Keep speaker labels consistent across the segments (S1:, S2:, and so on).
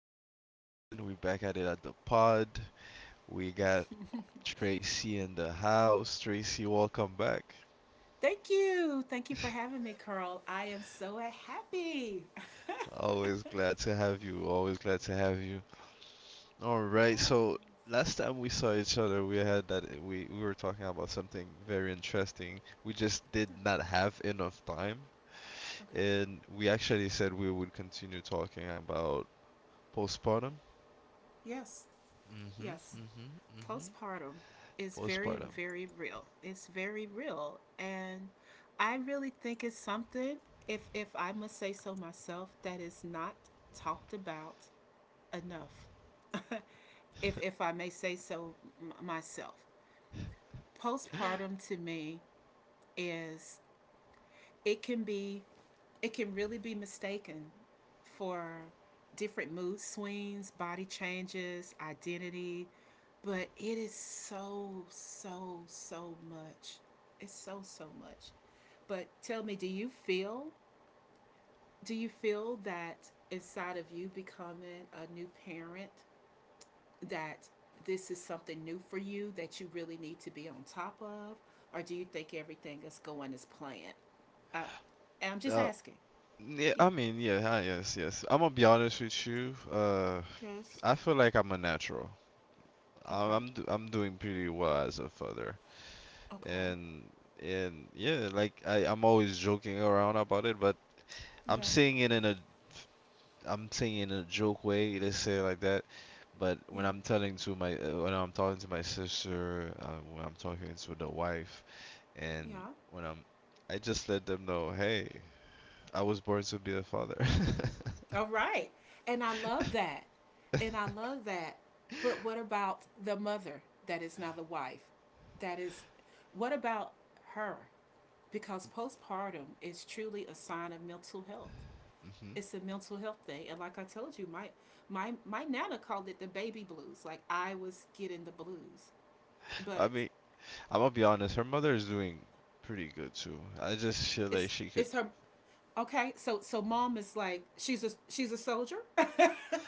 S1: Carl again. We back at it at the pod. We got Tracy in the house. Tracy, welcome back.
S2: Thank you. Thank you for having me, Carl. I am so happy.
S1: Always glad to have you. Always glad to have you. All right.
S2: Yes.
S1: So last time we saw each other, we had that we were talking about something very interesting. We just did not have enough time,
S2: Okay.
S1: and we actually said we would continue talking about postpartum.
S2: Yes.
S1: Mhm.
S2: Yes.
S1: Mhm. Mhm.
S2: Postpartum is very,
S1: Postpartum.
S2: very real. It's very real. And I really think it's something, if I must say so myself, that is not talked about enough. If I may say so myself. Postpartum to me is it can be it can really be mistaken for different mood swings, body changes, identity, but it is so so so much. It's so so much. But tell me, do you feel that inside of you becoming a new parent that this is something new for you that you really need to be on top of, or do you think everything is going as planned? Uh, I'm just
S1: Uh,
S2: asking.
S1: yeah,
S2: Yeah.
S1: I mean, yeah, yes, yes. I'm gonna be honest with you.
S2: Yes.
S1: I feel like I'm a natural. I'm
S2: Okay.
S1: I'm, do, I'm doing pretty well as a father,
S2: Okay.
S1: and and yeah, like I'm always joking around about it, but I'm
S2: Yeah.
S1: saying it in a I'm saying it in a joke way. Let's say it like that. But
S2: Yeah.
S1: when I'm talking to my sister, when I'm talking to the wife, and
S2: Yeah.
S1: when I'm I just let them know, hey, I was born to be a father.
S2: All right. And I love that. And I love that. But what about the mother that is now the wife? That is, what about her? Because postpartum is truly a sign of mental health.
S1: hmm
S2: It's a mental health thing. And like I told you, my nana called it the baby blues. Like I was getting the blues.
S1: I
S2: But
S1: mean, I'm gonna be honest. Her mother is doing pretty good too. I just feel
S2: It's
S1: like she could.
S2: it's her. Okay, so so mom is like, she's a soldier.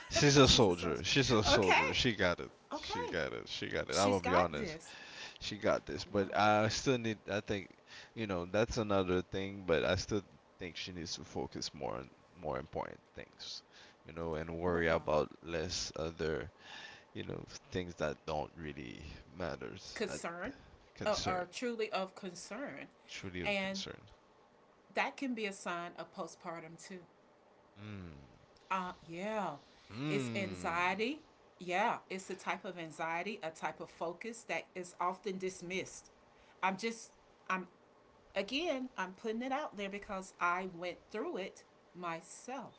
S1: She's a
S2: She's a soldier.
S1: soldier. She's a soldier.
S2: Okay,
S1: She got it. She
S2: okay,
S1: got it. She got it. I'm
S2: she's
S1: gonna be
S2: got
S1: honest.
S2: this.
S1: She got this. But
S2: Wow,
S1: I still need. I think, you know, that's another thing. But I still think she needs to focus more on more important things, and
S2: wow.
S1: worry about less other, you know, things that don't really matters at
S2: Concern,
S1: concern.
S2: or truly of concern,
S1: Truly of
S2: and
S1: concern.
S2: that can be a sign of postpartum too.
S1: Mm.
S2: Yeah, it's
S1: Mm.
S2: anxiety. Yeah, it's a type of anxiety, a type of focus that is often dismissed. I'm just, I'm, again, I'm putting it out there because I went through it myself.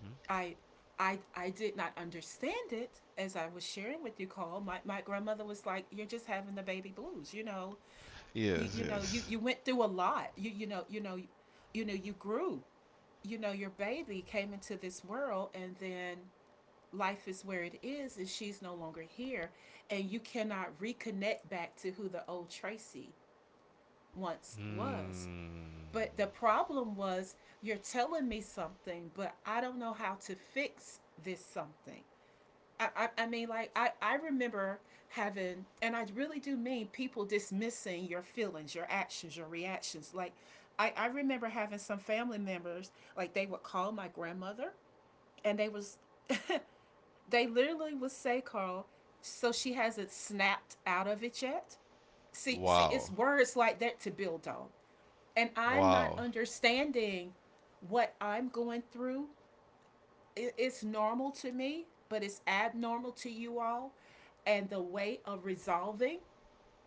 S1: Hmm.
S2: I I did not understand it. As I was sharing with you, Cole, my grandmother was like, "You're just having the baby blues, you know. You
S1: Yes,
S2: you know, you,
S1: yes.
S2: you went through a lot. You know, you know you know, you grew. You know, your baby came into this world, and then life is where it is and she's no longer here, and you cannot reconnect back to who the old Tracy once was."
S1: Mm.
S2: But the problem was, you're telling me something, but I don't know how to fix this something. I mean, like, I remember having, and I really do mean people dismissing your feelings, your actions, your reactions. Like, I remember having some family members, like, they would call my grandmother, and they was, they literally would say, "Carl, so she hasn't snapped out of it yet." See, it's
S1: Wow.
S2: words like that to build on, and I'm not
S1: Wow.
S2: understanding what I'm going through. It's normal to me, but it's abnormal to you all. And the way of resolving,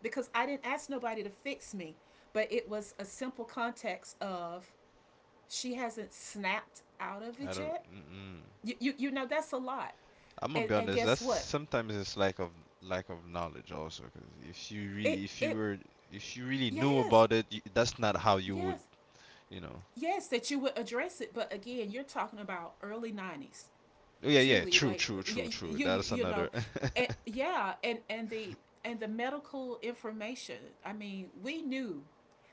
S2: because I didn't ask nobody to fix me, but it was a simple context of, "She hasn't snapped out of
S1: I
S2: it
S1: don't.
S2: yet."
S1: Mm-mm.
S2: You know, that's a lot.
S1: I'm gonna
S2: And,
S1: be
S2: and
S1: honest. That's
S2: guess what?
S1: sometimes it's lack of knowledge also. Because
S2: It, it,
S1: if you really knew
S2: yes,
S1: about it, y that's not how you would
S2: yes,
S1: you know.
S2: yes, that you would address it. But again, you're talking about early 90s.
S1: Oh, yeah, yeah.
S2: Truly,
S1: True,
S2: like,
S1: true,
S2: yeah,
S1: true, true.
S2: you
S1: That's
S2: you know,
S1: another.
S2: yeah, and the and the medical information. I mean, we knew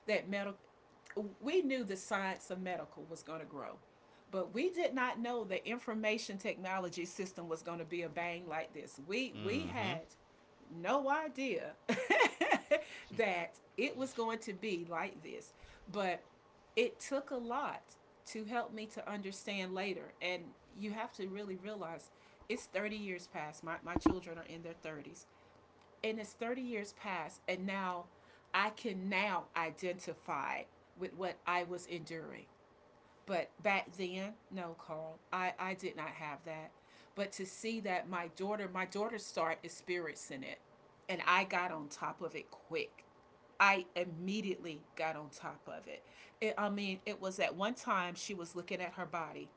S2: that medical, we knew the science of medical was going to grow, but we did not know the information technology system was going to be a bang like this. We
S1: Mm-hmm.
S2: had no idea that it was going to be like this. But it took a lot to help me to understand later. And you have to really realize it's 30 years past. My children are in their 30s. And it's 30 years past. And now I can now identify with what I was enduring. But back then, no, Carl, I did not have that. But to see that my daughter started experiencing it, and I got on top of it quick. I immediately got on top of it. I mean, it was at one time she was looking at her body,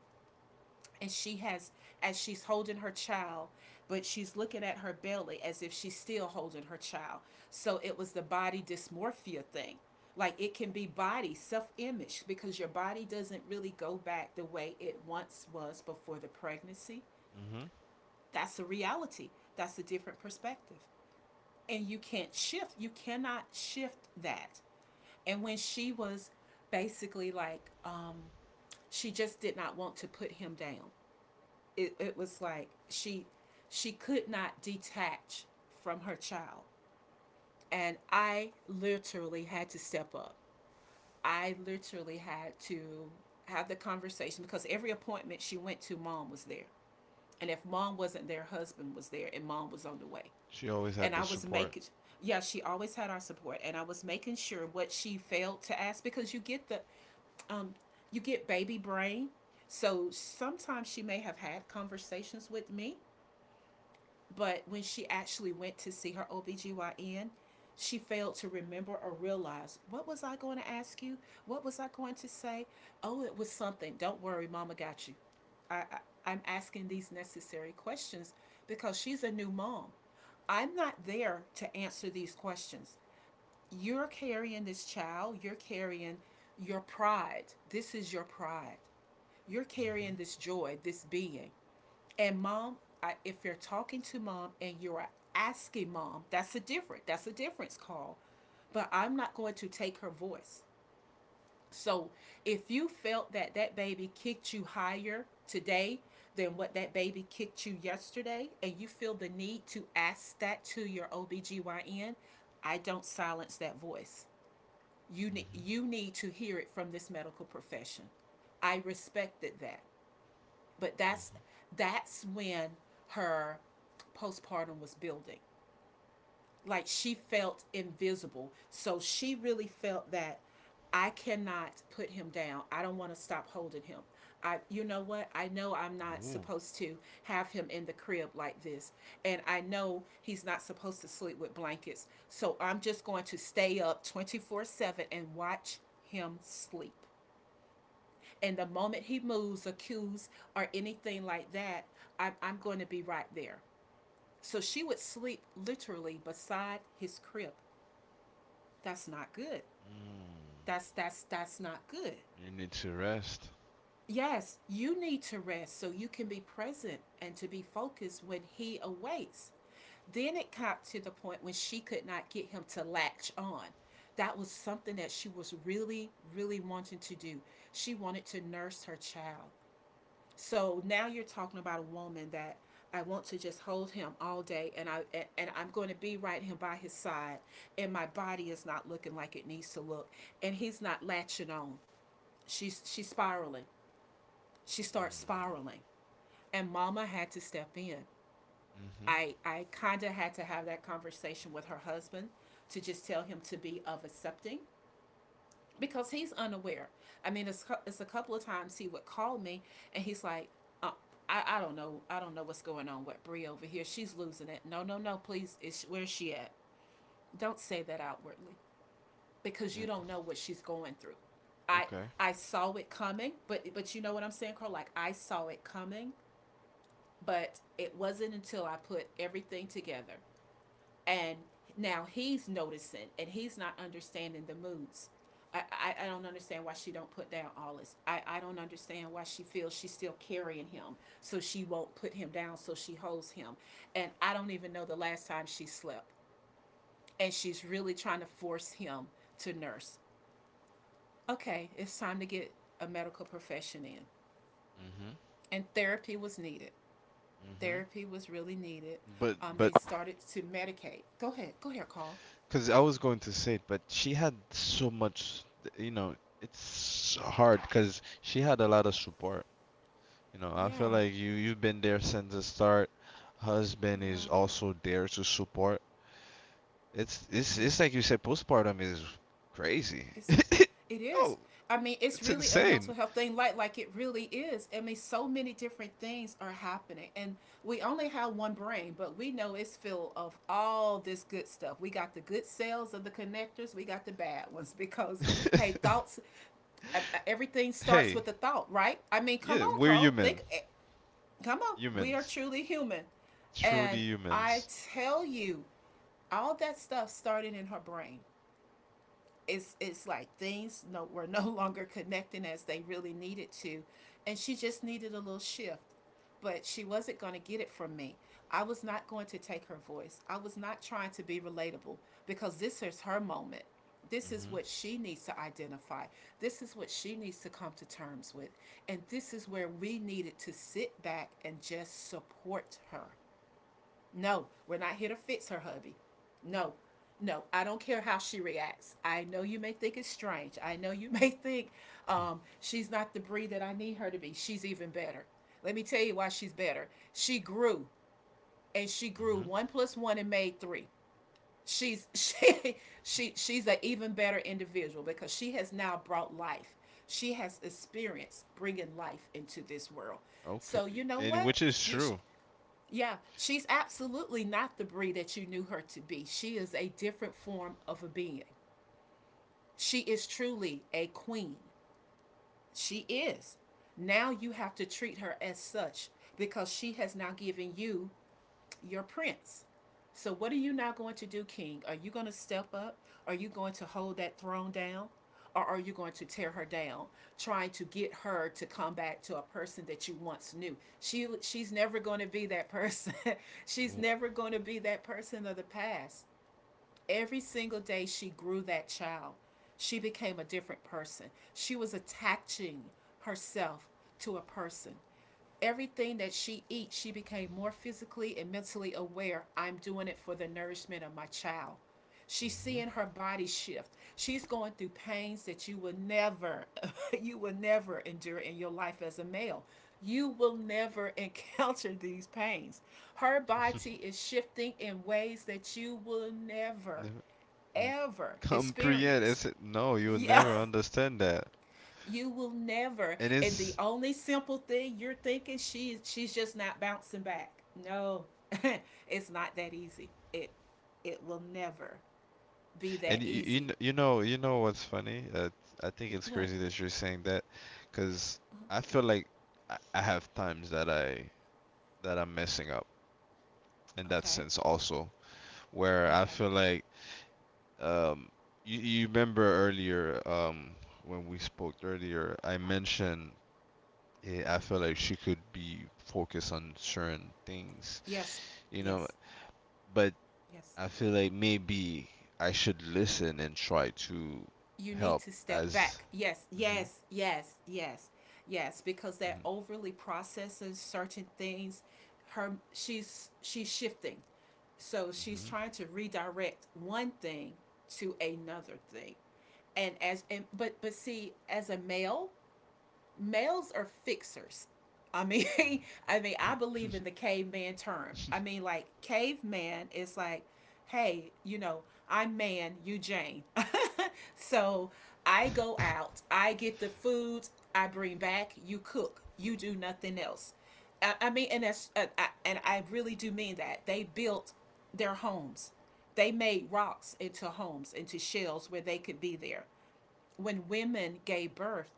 S2: and she has, as she's holding her child, but she's looking at her belly as if she's still holding her child. So it was the body dysmorphia thing. Like, it can be body self-image, because your body doesn't really go back the way it once was before the pregnancy.
S1: Mm-hmm.
S2: That's a reality. That's a different perspective, and you can't shift, you cannot shift that. And when she was basically like, she just did not want to put him down. It was like she could not detach from her child. And I literally had to step up. I literally had to have the conversation, because every appointment she went to, mom was there. And if mom wasn't there, husband was there, and mom was on the way.
S1: She always had
S2: And
S1: the
S2: I was
S1: support.
S2: making, yeah, she always had our support, and I was making sure what she failed to ask. Because you get the um you get baby brain, so sometimes she may have had conversations with me. But when she actually went to see her OBGYN, she failed to remember or realize, "What was I going to ask you? What was I going to say? Oh, it was something." Don't worry, mama got you. I, I am asking these necessary questions because she's a new mom. I'm not there to answer these questions. You're carrying this child, you're carrying your pride. This is your pride. You're carrying this joy, this being. And mom, I, if you're talking to mom and you're asking mom, that's a different. That's a difference, call. But I'm not going to take her voice. So if you felt that that baby kicked you higher today than what that baby kicked you yesterday, and you feel the need to ask that to your OBGYN, I don't silence that voice.
S1: Mm-hmm.
S2: You need to hear it from this medical profession. I respected that. But that's when her postpartum was building. Like, she felt invisible. So she really felt that, "I cannot put him down. I don't want to stop holding him. I, you know what? I know I'm not
S1: Mm-hmm. Ooh.
S2: supposed to have him in the crib like this. And I know he's not supposed to sleep with blankets. So I'm just going to stay up 24/7 and watch him sleep. And the moment he moves, accused, or anything like that, I'm going to be right there." So she would sleep literally beside his crib. That's not good.
S1: Mm.
S2: That's not good.
S1: You need to rest.
S2: Yes, you need to rest so you can be present and to be focused when he awakes. Then it got to the point when she could not get him to latch on. That was something that she was really, really wanting to do. She wanted to nurse her child. So now you're talking about a woman that, "I want to just hold him all day, and I and I'm going to be right him by his side, and my body is not looking like it needs to look, and he's not latching on." She's spiraling. She starts spiraling, and mama had to step in.
S1: Mm-hmm.
S2: I kind of had to have that conversation with her husband to just tell him to be of accepting, because he's unaware. I mean, it's a couple of times he would call me, and he's like, uh, I don't know, I don't know what's going on with Bree over here. She's losing it." No, no, no, please, is where's she at? Don't say that outwardly, because you
S1: Mm,
S2: don't know what she's going through. I
S1: okay.
S2: I saw it coming, but you know what I'm saying, Carl? Like, I saw it coming, but it wasn't until I put everything together. And now he's noticing and he's not understanding the moods. I don't understand why she don't put down Alice. I don't understand why she feels she's still carrying him, so she won't put him down, so she holds him. And I don't even know the last time she slept. And she's really trying to force him to nurse. Okay, it's time to get a medical profession in.
S1: Mm-hmm.
S2: And therapy was needed.
S1: Mm-hmm.
S2: Therapy was really needed.
S1: But
S2: They
S1: but
S2: started to medicate. Go ahead, Carl.
S1: because I was going to say it, but she had so much. You know, it's so hard because she had a lot of support. You know, I feel
S2: Yeah,
S1: like you've been there since the start. Husband is
S2: yeah,
S1: also there to support. It's it's
S2: yeah.
S1: it's like you said, postpartum is crazy.
S2: It's it is.
S1: Oh,
S2: I mean, it's
S1: it's
S2: really a
S1: insane.
S2: mental health thing. Like it really is. I mean, so many different things are happening, and we only have one brain, but we know it's filled of all this good stuff. We got the good cells of the connectors. We got the bad ones because, hey, thoughts. Everything starts
S1: Hey,
S2: with a thought, right? I mean, come
S1: yeah,
S2: on,
S1: we're
S2: Carl.
S1: human,
S2: Think. Come on. We are
S1: humans.
S2: truly human, and
S1: Truly
S2: I
S1: humans.
S2: tell you, all that stuff started in her brain. It's like things no longer connecting as they really needed to, and she just needed a little shift, but she wasn't going to get it from me. I was not going to take her voice. I was not trying to be relatable, because this is her moment. This is
S1: Mhm.
S2: what she needs to identify. This is what she needs to come to terms with, and this is where we needed to sit back and just support her. No, we're not here to fix her, hubby. No, no, I don't care how she reacts. I know you may think it's strange. I know you may think
S1: Hmm.
S2: she's not the breed that I need her to be. She's even better. Let me tell you why she's better. She grew, and she grew
S1: Mhm.
S2: one plus one and made three. She's she's an even better individual because she has now brought life. She has experience bringing life into this world.
S1: Okay,
S2: So you know
S1: and
S2: what?
S1: which is
S2: You,
S1: true.
S2: yeah, she's absolutely not the Bree that you knew her to be. She is a different form of a being. She is truly a queen. She is. Now you have to treat her as such, because she has now given you your prince. So, what are you now going to do, King? Are you going to step up? Are you going to hold that throne down? Or are you going to tear her down, trying to get her to come back to a person that you once knew? She's never going to be that person. She's
S1: W-
S2: never going to be that person of the past. Every single day she grew that child. She became a different person. She was attaching herself to a person. Everything that she eats, she became more physically and mentally aware. I'm doing it for the nourishment of my child. She's
S1: Mhm.
S2: seeing her body shift. She's going through pains that you will never, you will never endure in your life as a male. You will never encounter these pains. Her body is shifting in ways that you will never,
S1: Never n-
S2: ever
S1: comprehend.
S2: experience.
S1: Is it? No, you will
S2: Yeah,
S1: never understand that.
S2: you will never.
S1: And
S2: And the
S1: it's
S2: only simple thing you're thinking, she's just not bouncing back. No. It's not that easy. It will never be
S1: and
S2: that easy.
S1: you know what's funny? I think it's
S2: What?
S1: crazy that you're saying that, because I feel like I have times that I'm messing up in that
S2: Okay.
S1: sense also, where I
S2: Okay.
S1: feel like Um, you remember earlier, when we spoke earlier, I mentioned I feel like she could be focused on certain things,
S2: Yes.
S1: you know,
S2: Yes.
S1: but
S2: Yes.
S1: I feel like maybe I should listen and try to
S2: You need
S1: help
S2: to step
S1: as.
S2: back. Yes,
S1: Hmm.
S2: yes, yes, yes, yes, because they're overly processing certain things. Her she's she's shifting. So she's
S1: Hmm.
S2: trying to redirect one thing to another thing. And as and but see, as a male, males are fixers. I mean, I mean,
S1: Hmm.
S2: I believe in the caveman term. I mean, like caveman is like, hey, you know, I'm man, you Jane. So I go out, I get the food, I bring back, you cook, you do nothing else. I mean, and that's and I really do mean that they built their homes. They made rocks into homes, into shells where they could be there. When women gave birth,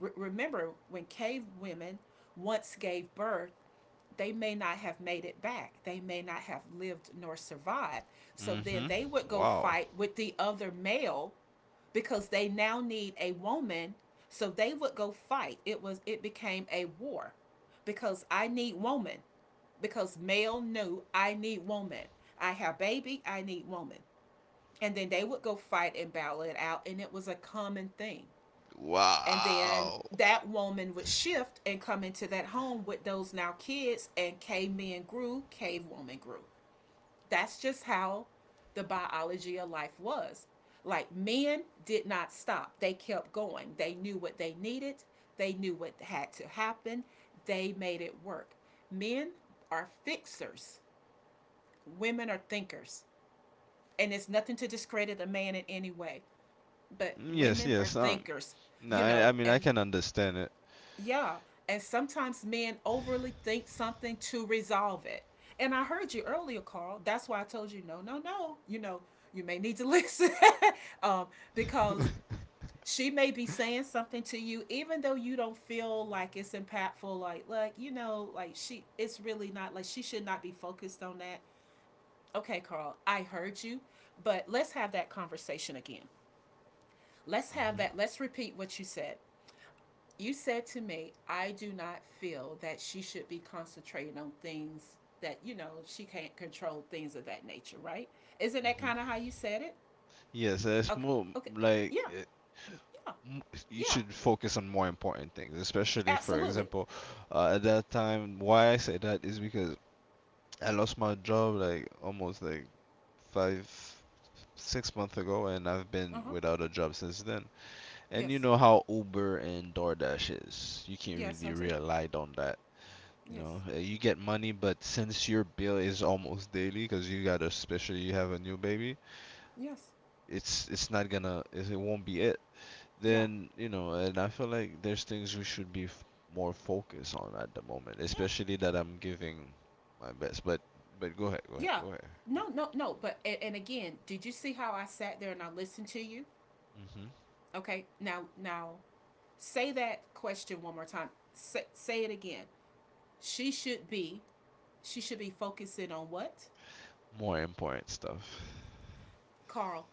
S2: Remember, when cave women once gave birth, they may not have made it back. They may not have lived nor survived. So
S1: Hmm. Hmm.
S2: then they would go
S1: Wow.
S2: fight with the other male because they now need a woman. So they would go fight. It was, it became a war, because I need woman. Because male knew, I need woman. I have baby, I need woman. And then they would go fight and battle it out, and it was a common thing. And then
S1: Wow.
S2: that woman would shift and come into that home with those now kids, and cave men grew, cave woman grew. That's just how the biology of life was. Like, men did not stop, they kept going. They knew what they needed, they knew what had to happen, they made it work. Men are fixers, women are thinkers. And it's nothing to discredit a man in any way, but
S1: Yes,
S2: women are
S1: yes.
S2: thinkers,
S1: No,
S2: you
S1: I
S2: know.
S1: mean, I
S2: And
S1: can understand it.
S2: yeah, and sometimes men overly think something to resolve it. And I heard you earlier, Carl. That's why I told you no, no, no. You know, you may need to listen. um, because she may be saying something to you even though you don't feel like it's impactful, like, you know, like, she, it's really not, like, she should not be focused on that. Okay, Carl, I heard you, but let's have that conversation again. Let's have
S1: Hmm.
S2: that Let's repeat what you said. You said to me, I do not feel that she should be concentrating on things that, you know, she can't control, things of that nature, right? Isn't that
S1: Hmm.
S2: kind of how you said it?
S1: Yes, it's
S2: Okay.
S1: more
S2: Okay.
S1: like
S2: Yeah. Yeah.
S1: m- you
S2: Yeah.
S1: should focus on more important things, especially for
S2: Absolutely.
S1: example, at that time, why I say that is because I lost my job like almost like 5, 6 months ago, and I've been
S2: Uh huh.
S1: without a job since then. And you
S2: Yes.
S1: know how Uber and DoorDash is, you can't
S2: Yes,
S1: really
S2: I do.
S1: rely on that. You know,
S2: Yes.
S1: You get money, but since your bill is almost daily, because you got especially you have a new baby,
S2: Yes.
S1: it's not gonna, it won't be it.
S2: Yeah.
S1: Then you know and I feel like there's things we should be more focused on at the moment,
S2: Yeah.
S1: especially that I'm giving my best, but
S2: Yeah.
S1: go
S2: No, no, no. But, and again, did you see how I sat there and I listened to you?
S1: ahead. Hmm.
S2: Okay. Now, now, say that question one more time. Say it again. She should be She should be focusing on what?
S1: More important stuff.
S2: Carl,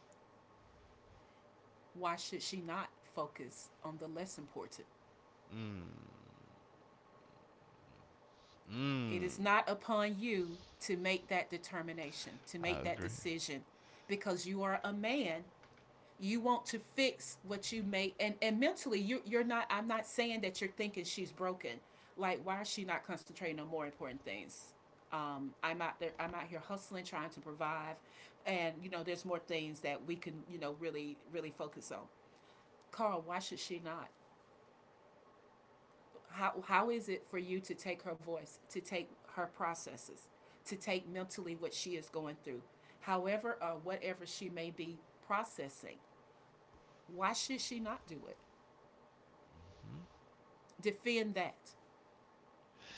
S2: why should she not focus on the less important?
S1: Mm.
S2: It
S1: Mm.
S2: is not upon you to make that determination, to make that decision, because you are a man. You want to fix what you make, and mentally, you, you're not. I'm not saying that you're thinking she's broken. Like, why is she not concentrating on more important things? I'm out there. I'm out here hustling, trying to provide, and, you know, there's more things that we can, you know, really, really focus on. Carl, why should she not? How is it for you to take her voice, to take her processes, to take mentally what she is going through, however or whatever she may be processing? Why should she not do it?
S1: Hmm.
S2: Defend that,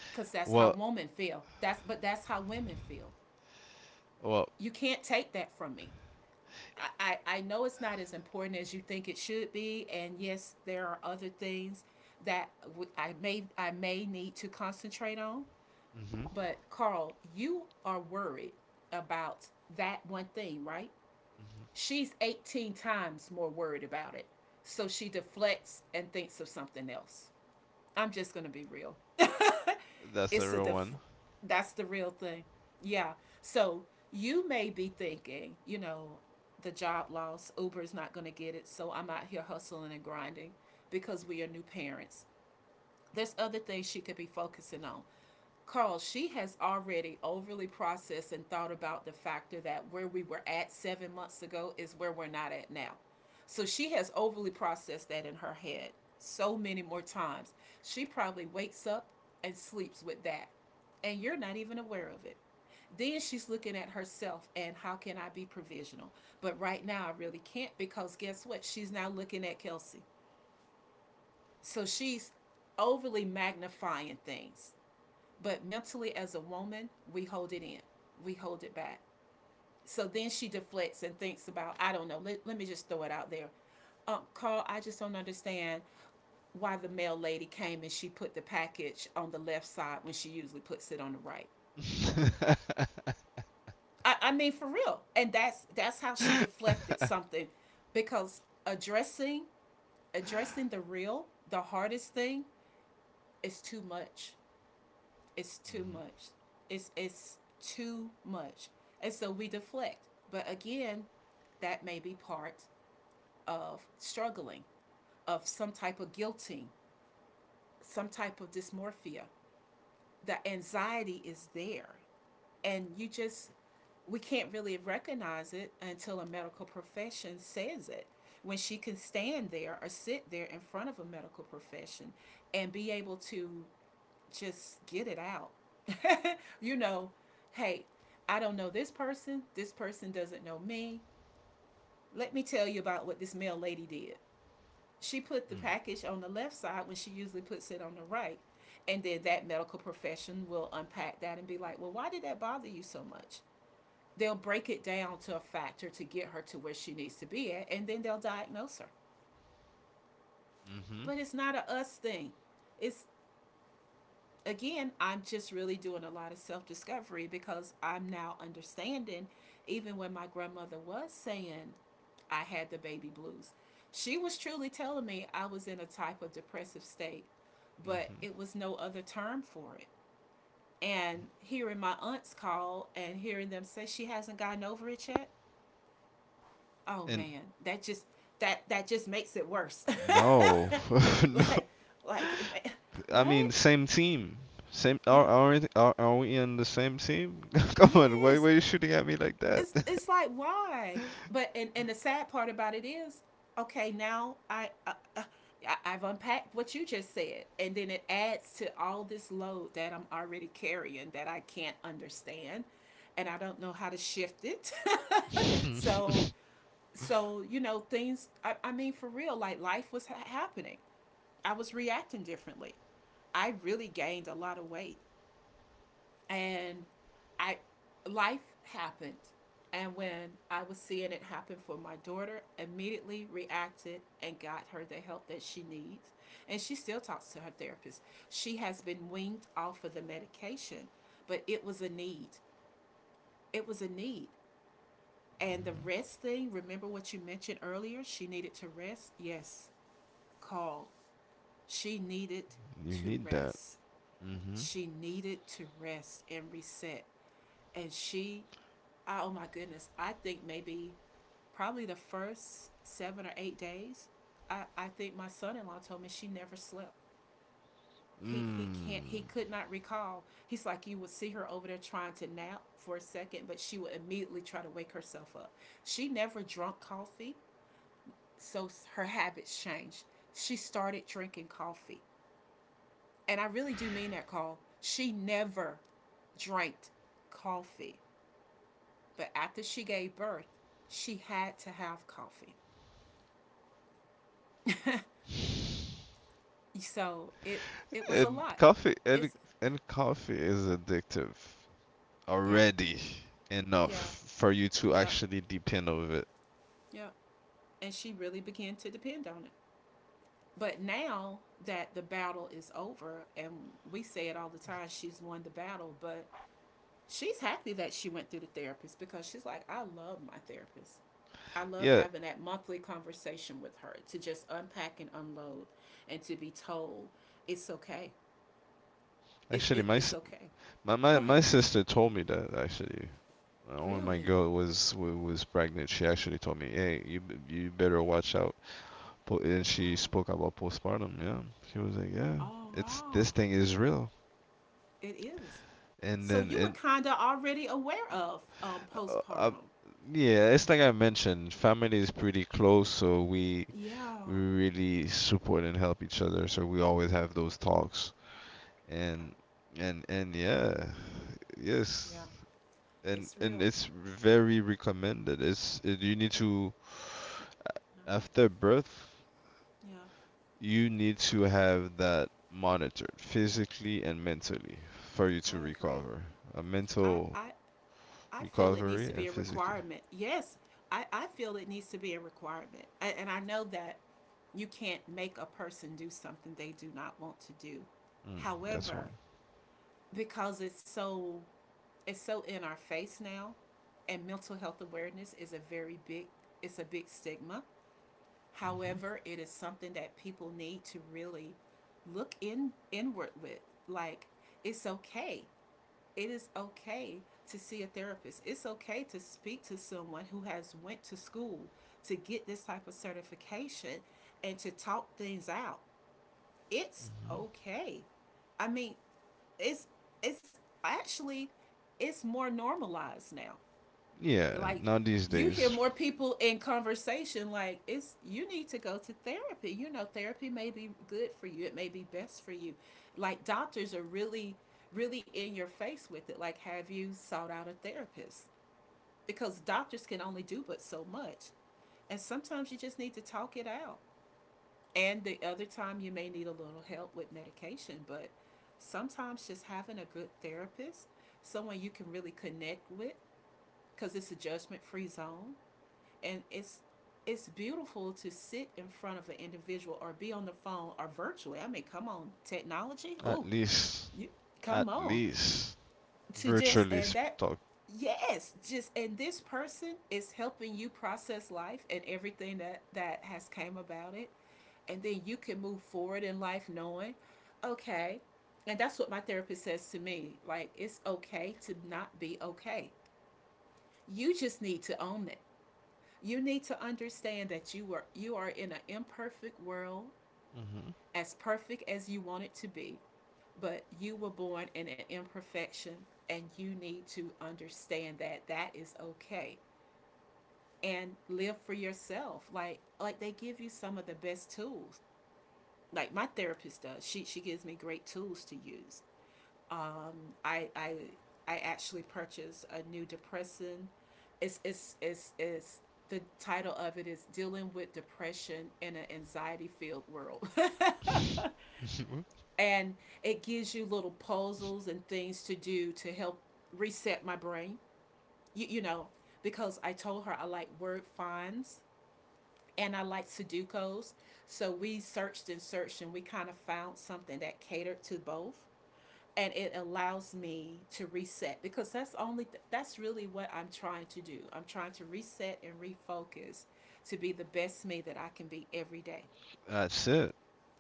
S2: because that's how
S1: well
S2: women feel. That's, but that's how women feel.
S1: well
S2: You can't take that from me. I know it's not as important as you think it should be, and yes, there are other things that I may need to concentrate on.
S1: Hmm.
S2: But Carl, you are worried about that one thing, right?
S1: Hmm.
S2: She's 18 times more worried about it. So she deflects and thinks of something else. I'm just going to be real.
S1: That's a
S2: It's a
S1: real
S2: def-
S1: one.
S2: that's the real thing. Yeah. So you may be thinking, you know, the job loss, Uber's not going to get it, so I'm out here hustling and grinding because we are new parents. There's other things she could be focusing on. Carl, she has already overly processed and thought about the factor that where we were at 7 months ago is where we're not at now. So she has overly processed that in her head so many more times. She probably wakes up and sleeps with that, and you're not even aware of it. Then she's looking at herself and how can I be provisional? But right now, I really can't, because guess what? She's now looking at Kelsey. So she's overly magnifying things. But mentally, as a woman, we hold it in, we hold it back. So then she deflects and thinks about, I don't know, let me just throw it out there. Carl, I just don't understand why the mail lady came and she put the package on the left side when she usually puts it on the right.
S1: Hmm.
S2: I mean, for real. And that's how she deflected something, because addressing the hardest thing is too much. It's too much. It's too much. And so we deflect. But again, that may be part of struggling, of some type of guilting, some type of dysmorphia. The anxiety is there. And you just, we can't really recognize it until a medical profession says it. When she can stand there or sit there in front of a medical profession and be able to just get it out. You know, hey, I don't know this person. This person doesn't know me. Let me tell you about what this mail lady did. She put the package on the left side when she usually puts it on the right. And then that medical profession will unpack that and be like, well, why did that bother you so much? They'll break it down to a factor to get her to where she needs to be at, and then they'll diagnose her.
S1: Mm-hmm.
S2: But it's not a us thing. It's, again, I'm just really doing a lot of self discovery because I'm now understanding, even when my grandmother was saying I had the baby blues, she was truly telling me I was in a type of depressive state, but
S1: Mm-hmm.
S2: it was no other term for it. And hearing my aunts call and hearing them say she hasn't gotten over it yet, oh
S1: And
S2: man, that just, that just makes it worse.
S1: no. No.
S2: Like, it, what?
S1: Team. Same. Are
S2: Yeah.
S1: are, are, are we on the same team? Come on. Why
S2: Yes.
S1: why are you shooting at me like that?
S2: it's it's like why. But and and the sad part about it is okay, now I've unpacked what you just said, and then it adds to all this load that I'm already carrying that I can't understand, and I don't know how to shift it.
S1: You
S2: so so things, I mean, for real, like life was happening. I was reacting differently. I really gained a lot of weight. And I, life happened. And when I was seeing it happen for my daughter, immediately reacted and got her the help that she needs. And she still talks to her therapist. She has been weaned off of the medication, but it was a need. It was a need. And the rest thing, remember what you mentioned earlier? She needed to rest? Yes, call. She needed to
S1: need that.
S2: rest.
S1: Mm-hmm.
S2: She needed to rest and reset. And she, oh my goodness, I think maybe probably the first 7 or 8 days, I think my son in law told me she never slept. He
S1: Mm.
S2: could not recall. He's like, you would see her over there trying to nap for a second, but she would immediately try to wake herself up. She never drunk coffee. So her habits changed. She started drinking coffee. And I really do mean that call, she never drank coffee. But after she gave birth, she had to have coffee. So it was a
S1: And
S2: lot.
S1: coffee and
S2: It's
S1: and coffee is addictive
S2: yeah,
S1: already enough
S2: yeah,
S1: for you to
S2: yeah,
S1: actually depend of it.
S2: yeah. And she really began to depend on it. But now that the battle is over, and we say it all the time, she's won the battle, but she's happy that she went through the therapist, because she's like, I love my therapist. I love
S1: Yeah,
S2: having that monthly conversation with her to just unpack and unload and to be told it's okay. It's
S1: actually,
S2: it, it's okay.
S1: my my,
S2: Go
S1: my
S2: ahead.
S1: sister told me that actually. When my
S2: Really?
S1: girl was was pregnant, she actually told me, "Hey, you better watch out and
S2: Wow.
S1: she spoke about postpartum. Yeah, she was like, "Yeah,
S2: Oh
S1: it's
S2: wow.
S1: this thing is real."
S2: It is.
S1: And
S2: So
S1: then,
S2: you were
S1: and
S2: kinda already aware of
S1: uh, uh,
S2: postpartum.
S1: yeah, it's like I mentioned, family is pretty close, so we
S2: Yeah.
S1: we really support and help each other. So we always have those talks, and
S2: Okay.
S1: and yeah,
S2: Yeah.
S1: yes, and
S2: It's
S1: and
S2: real.
S1: it's very recommended. You need to
S2: Yeah,
S1: after birth
S2: yeah.
S1: you need to have that monitored physically and mentally for you to
S2: I agree.
S1: recover. A
S2: I,
S1: mental
S2: I I feel it
S1: recovery
S2: needs to
S1: and
S2: be a
S1: physically.
S2: requirement. Yes. I feel it needs to be a requirement. I, and I know that you can't make a person do something they do not want to do.
S1: Mm, that's one.
S2: However, because it's so, it's so in our face now, and mental health awareness is a very big, it's a big stigma.
S1: Hmm.
S2: However, it is something that people need to really look in inward with. Like, it's okay. It is okay to see a therapist. It's okay to speak to someone who has went to school to get this type of certification and to talk things out. It's okay. I mean, it's it's actually, it's more normalized now.
S1: Yeah,
S2: Like,
S1: now these
S2: you hear
S1: days,
S2: more people in conversation like it's, you need to go to therapy. Therapy may be good for you. It may be best for you. Like doctors are really, really in your face with it. Like, have you sought out a therapist? Because doctors can only do but so much. And sometimes you just need to talk it out. And the other time you may need a little help with medication, but sometimes just having a good therapist, someone you can really connect with, because it's a judgment-free zone. And it's beautiful to sit in front of an individual or be on the phone or virtually. I mean, come on, technology.
S1: at
S2: Ooh,
S1: least,
S2: you,
S1: at
S2: come on,
S1: least,
S2: to just,
S1: virtually
S2: and that,
S1: talk.
S2: yes, just, and this person is helping you process life and everything that that has came about it. And then you can move forward in life knowing, okay. And that's what my therapist says to me, like, it's okay to not be okay. You just need to own it. You need to understand that you are, you are in an imperfect world,
S1: Hmm.
S2: as perfect as you want it to be, but you were born in an imperfection, and you need to understand that that is okay. And live for yourself. Like they give you some of the best tools. Like my therapist does, she gives me great tools to use. I i i actually purchased a new depressant. It's, the title of it is dealing with depression in an anxiety filled world. And it gives you little puzzles and things to do to help reset my brain. You know, because I told her I like word finds and I like Sudoku's. So we searched and searched, and we kind of found something that catered to both. And it allows me to reset, because that's only that's really what I'm trying to do. I'm trying to reset and refocus to be the best me that I can be every day.
S1: That's it.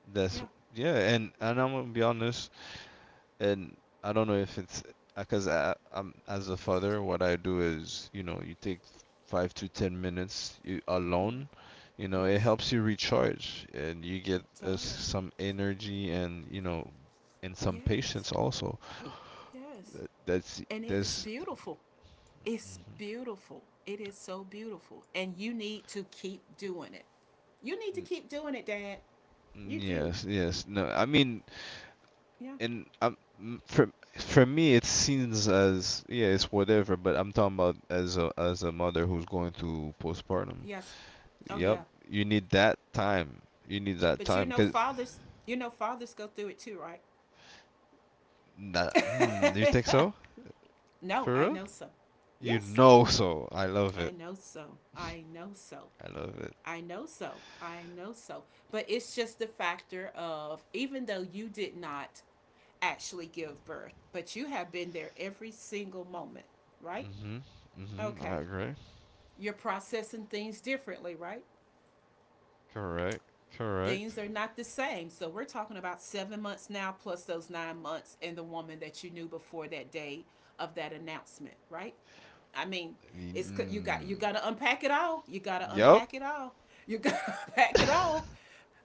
S1: That's
S2: Yeah,
S1: yeah, and I'm gonna be honest. And I don't know if it's because I'm as a father, what I do is, you know, you take 5 to 10 minutes you,
S2: yeah,
S1: alone. You know, it
S2: yes,
S1: helps you recharge and you get
S2: it does.
S1: some energy and and some
S2: Yes.
S1: patience also.
S2: Yes.
S1: Uh, That's
S2: And it is
S1: that's
S2: beautiful. It's beautiful. It is so beautiful. And you need to keep doing it. You need to keep doing it, Dad. You do.
S1: yes, yes. No, I mean,
S2: Yeah.
S1: and for me, it seems as yeah, it's whatever. But I'm talking about as a mother who's going through postpartum.
S2: Yes. Oh,
S1: Yep.
S2: yeah.
S1: You need that time. You need that
S2: But
S1: time, cause
S2: you know, fathers go through it too, right?
S1: that. Hmm. You think so?
S2: No,
S1: For
S2: I
S1: real?
S2: know so.
S1: You
S2: Yes,
S1: know so. I love
S2: I
S1: it.
S2: know so. I know so.
S1: I love it.
S2: I know so. I know so. But it's just the factor of, even though you did not actually give birth, but you have been there every single moment, right?
S1: Mhm. Mhm. I
S2: Okay.
S1: agree.
S2: You're processing things differently, right?
S1: Correct. Correct.
S2: Things are not the same. So we're talking about 7 months now, plus those 9 months, and the woman that you knew before that day of that announcement, right? I mean, it's, you got, you
S1: Mm,
S2: got to unpack it all. You got to
S1: yep.
S2: unpack it all. You got to unpack it all.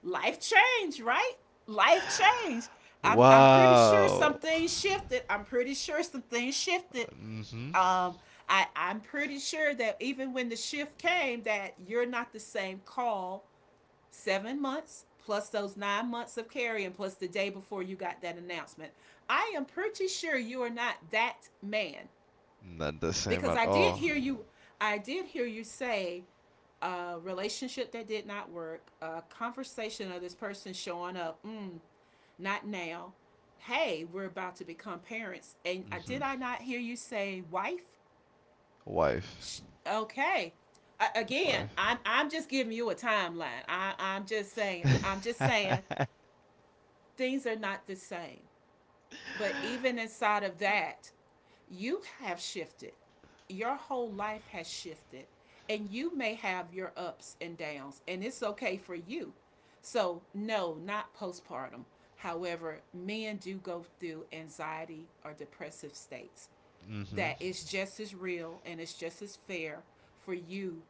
S2: Life changed, right? Life changed. I'm pretty sure
S1: Wow.
S2: some things shifted. I'm pretty sure some things shifted.
S1: Mhm.
S2: Um, I'm pretty sure that even when the shift came, that you're not the same call 7 months plus those 9 months of carrying plus the day before you got that announcement. I am pretty sure you are not that man,
S1: Not the same
S2: because
S1: at
S2: I did
S1: all.
S2: hear you. I did hear you say, a relationship that did not work, a conversation of this person showing up. Mm, not now. Hey, we're about to become parents, and I, did
S1: Mhm.
S2: I not hear you say wife?
S1: Wife.
S2: Sh- okay, again,
S1: Wife.
S2: I'm just giving you a timeline. I'm just saying. I'm just saying. Things are not the same. But even inside of that, you have shifted. Your whole life has shifted. And you may have your ups and downs, and it's okay for you. So, no, not postpartum. However, men do go through anxiety or depressive states
S1: Mhm.
S2: that is just as real, and it's just as fair for you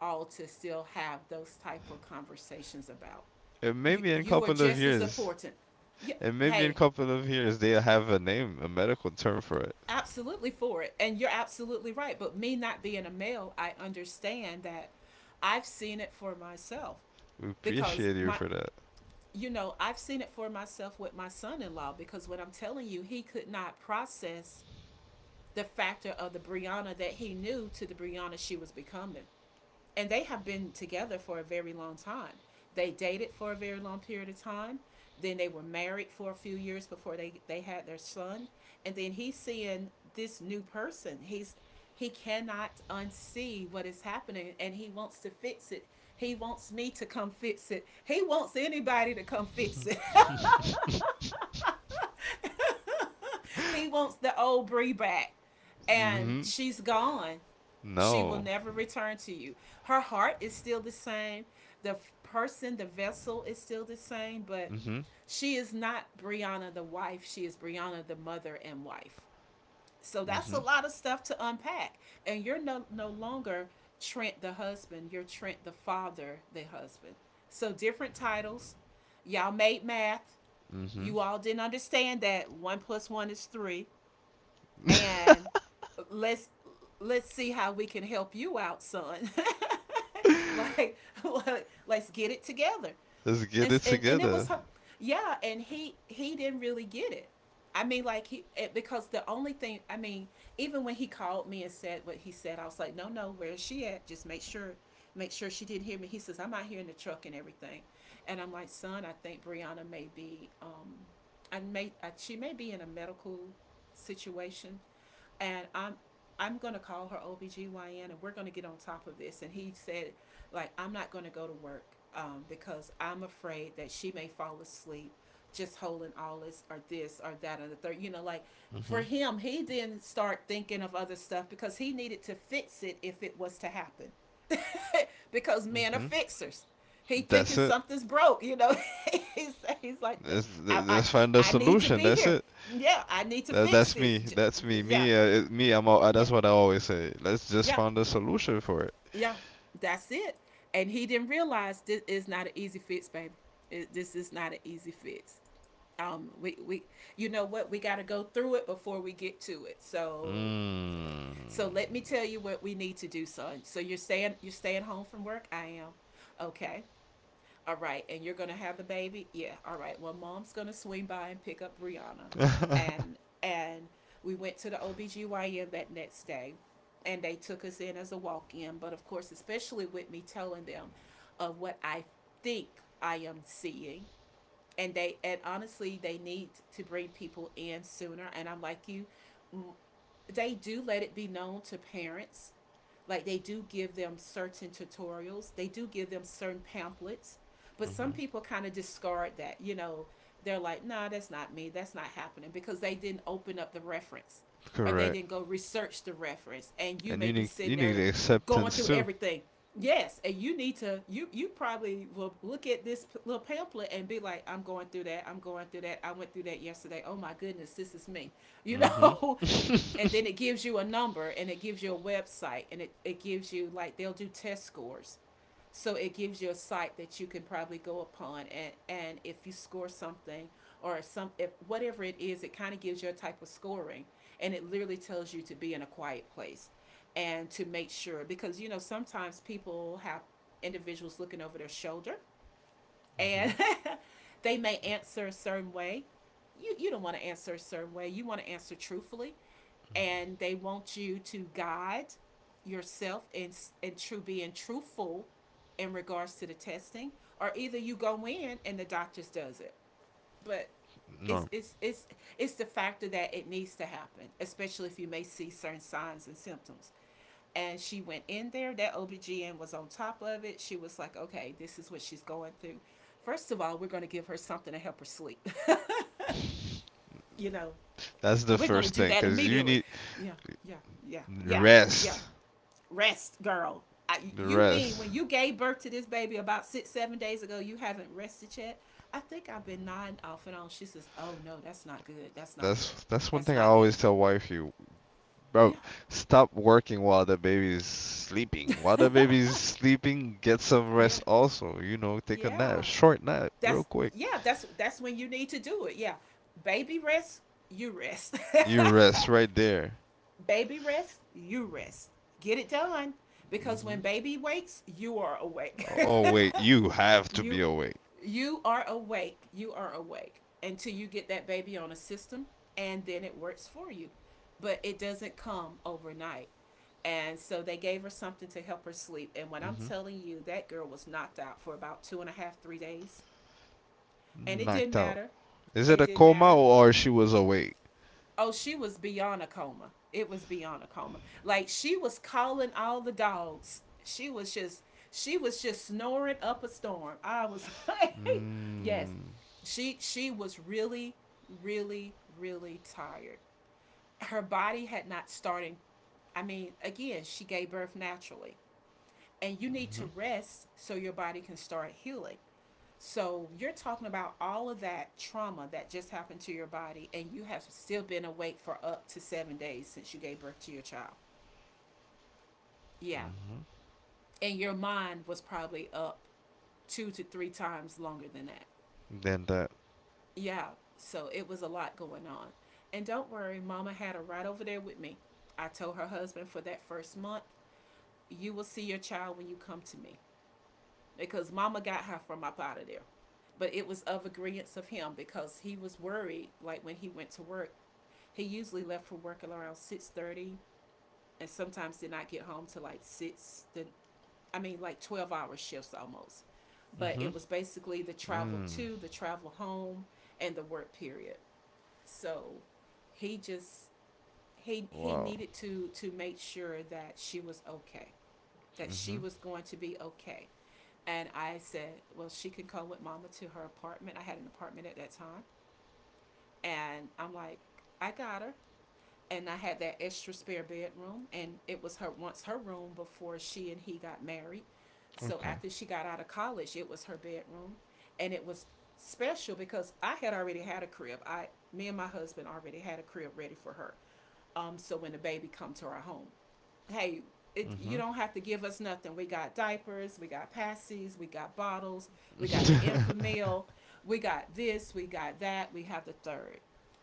S2: all to still have those type of conversations about. You,
S1: Maybe in a
S2: you are
S1: couple of
S2: just as
S1: years.
S2: important. You,
S1: And maybe in a
S2: hey,
S1: couple of years they'll have a name, a medical term for it.
S2: absolutely for it. And you're absolutely right. But me not being a male, I understand that I've seen it for myself,
S1: We
S2: because
S1: appreciate you
S2: my,
S1: for that.
S2: you know, I've seen it for myself with my son in law, because what I'm telling you, he could not process the factor of the Brianna that he knew to the Brianna she was becoming. And they have been together for a very long time. They dated for a very long period of time. Then they were married for a few years before they had their son. And then he's seeing this new person. He cannot unsee what is happening, and he wants to fix it. He wants me to come fix it. He wants anybody to come fix it. He wants the old Bree back. And
S1: Mm-hmm.
S2: she's gone. She will
S1: No.
S2: never return to you. Her heart is still the same. The person, the vessel is still the same, but
S1: Mm-hmm.
S2: she is not Brianna the wife. She is Brianna the mother and wife. So that's a
S1: Mm-hmm.
S2: lot of stuff to unpack. And you're no, no longer Trent the husband, you're Trent the father, the husband. So different titles. Y'all made math.
S1: Mm-hmm.
S2: You all didn't understand that one plus one is three. And let's let's see how we can help you out, son. like, like let's get it together.
S1: Let's get
S2: and
S1: it
S2: and, and it was
S1: together.
S2: her. Yeah, and he didn't really get it. I mean, like because the only thing I mean, even when he called me and said what he said, I was like, no, no, where is she at? Just make sure she didn't hear me. He says, I'm out here in the truck and everything, and I'm like, son, I think Brianna may be, she may be in a medical situation, and I'm going to call her OBGYN, and we're going to get on top of this. And he said, like, I'm not going to go to work, because I'm afraid that she may fall asleep just holding all this or this or that or the third. You know, like for
S1: Mm-hmm.
S2: him, he didn't start thinking of other stuff because he needed to fix it if it was to happen. Because men are
S1: Mm-hmm.
S2: fixers. He thinking
S1: That's it.
S2: something's broke, you know. he's, he's like,
S1: Let's,
S2: I, I,
S1: let's find a
S2: I need to
S1: solution.
S2: be
S1: That's
S2: here.
S1: it.
S2: Yeah, I need to
S1: That,
S2: fix
S1: that's me.
S2: this.
S1: That's me.
S2: Yeah,
S1: Me. Me.
S2: yeah,
S1: That's what I always say. Let's just
S2: yeah,
S1: find a solution for it.
S2: yeah. That's it. And he didn't realize this is not an easy fix, baby. This is not an easy fix. We You know what we got to go through it before we get to it. So let me
S1: Mm.
S2: tell you what we need to do, son. So you're staying home from work. I am. Okay. All right, and you're gonna have the baby? Yeah. All right. Well, mom's gonna swing by and pick up Brianna. And and we went to the OBGYN that next day, and they took us in as a walk in. But of course, especially with me telling them of what I think I am seeing. And honestly, they need to bring people in sooner. And I'm like, you, they do let it be known to parents. Like, they do give them certain tutorials, they do give them certain pamphlets, but
S1: Hmm.
S2: some people kind of discard that. You know, they're like, nah, that's not me, that's not happening, because they didn't open up the reference or they
S1: Correct.
S2: didn't go research the reference. And you
S1: And
S2: may be
S1: you
S2: sitting
S1: need
S2: there going
S1: acceptance
S2: through
S1: too.
S2: everything. Yes, and you need to you you probably will look at this little pamphlet and be like, I'm going through that. I'm going through that. I went through that yesterday. Oh my goodness, this is me. You
S1: Mm-hmm.
S2: know, and then it gives you a number, and it gives you a website, and it gives you, like, they'll do test scores, so it gives you a site that you can probably go upon, and if you score something or some, if whatever it is, it kind of gives you a type of scoring, and it literally tells you to be in a quiet place, and to make sure, because you know sometimes people have individuals looking over their shoulder,
S1: Mm-hmm.
S2: and they may answer a certain way. You don't want to answer a certain way. You want to answer truthfully, and they want you to guide yourself in true, being truthful in regards to the testing. Or either you go in and the doctor does it, but
S1: No,
S2: it's it's it's it's the factor that it needs to happen, especially if you may see certain signs and symptoms. And she went in there, that OBGYN was on top of it. She was like, okay, this is what she's going through. First of all, we're gonna give her something to help her sleep. You know.
S1: that's the
S2: We're gonna
S1: first
S2: do
S1: thing
S2: that
S1: because you
S2: immediately.
S1: need
S2: Yeah, yeah, yeah, yeah, yeah,
S1: rest.
S2: rest, girl.
S1: The
S2: You mean when
S1: rest.
S2: you gave birth to this baby about 6, 7 days ago, you haven't rested yet? I think I've been nodding off and on. She says, oh, no, that's not good. That's not good.
S1: That's one
S2: That's
S1: thing I
S2: not good.
S1: always tell wife you, bro.
S2: Yeah.
S1: Stop working while the baby is sleeping. While the baby is sleeping, get some rest
S2: Yeah.
S1: also. You know, take a nap,
S2: Yeah.
S1: short nap, real
S2: That's,
S1: quick.
S2: yeah, that's when you need to do it. Yeah. Baby rest, you rest.
S1: You rest right there.
S2: Baby rest, you rest. Get it done. Because
S1: Mm-hmm.
S2: when baby wakes, you are awake.
S1: Oh wait, you have to be
S2: You
S1: awake.
S2: you are awake. You are awake until you get that baby on a system, and then it works for you. But it doesn't come overnight. And so they gave her something to help her sleep. And when I'm
S1: Mm-hmm.
S2: telling you, that girl was knocked out for about two and a half, 3 days. And it didn't
S1: Knocked out.
S2: matter.
S1: Is it
S2: It
S1: a
S2: didn't
S1: coma
S2: matter.
S1: or she was awake?
S2: Oh, she was beyond a coma. It was beyond a coma. Like, she was calling all the dogs. She was just snoring up a storm. I was like, yes.
S1: Mm-hmm.
S2: She was really really really tired. Her body had not started. I mean, again, she gave birth naturally. And you need to rest so your body can start healing. So you're talking about all of that trauma that just happened to your body, and you have still been awake for up to 7 days since you gave birth to your child. Yeah.
S1: Mm-hmm.
S2: And your mind was probably up 2 to 3 times longer than that.
S1: Then that.
S2: Yeah. So it was a lot going on. And don't worry, mama had her right over there with me. I told her husband, for that first month, you will see your child when you come to me. Because mama got her from up out of there, but it was of agreement of him, because he was worried. Like, when he went to work, he usually left for work at around 6:30, and sometimes did not get home till like six. The I mean, like 12 hour shifts almost. But
S1: Mm-hmm.
S2: it was basically the travel
S1: Mm.
S2: to, the travel home, and the work period. So he just he
S1: Wow.
S2: needed to make sure that she was okay, that she
S1: Mm-hmm.
S2: was going to be okay. And I said, well, she can come with mama to her apartment. I had an apartment at that time, and I'm like, I got her. And I had that extra spare bedroom, and it was her once her room before she and he got married. So
S1: Okay.
S2: after she got out of college, it was her bedroom, and it was special because I had already had a crib. Me and my husband already had a crib ready for her. So when the baby come to our home, hey, it, you don't have to give us nothing. We got diapers, we got passies, we got bottles, we got the
S1: Mm-hmm.
S2: infamil, we got this, we got that, we have the third.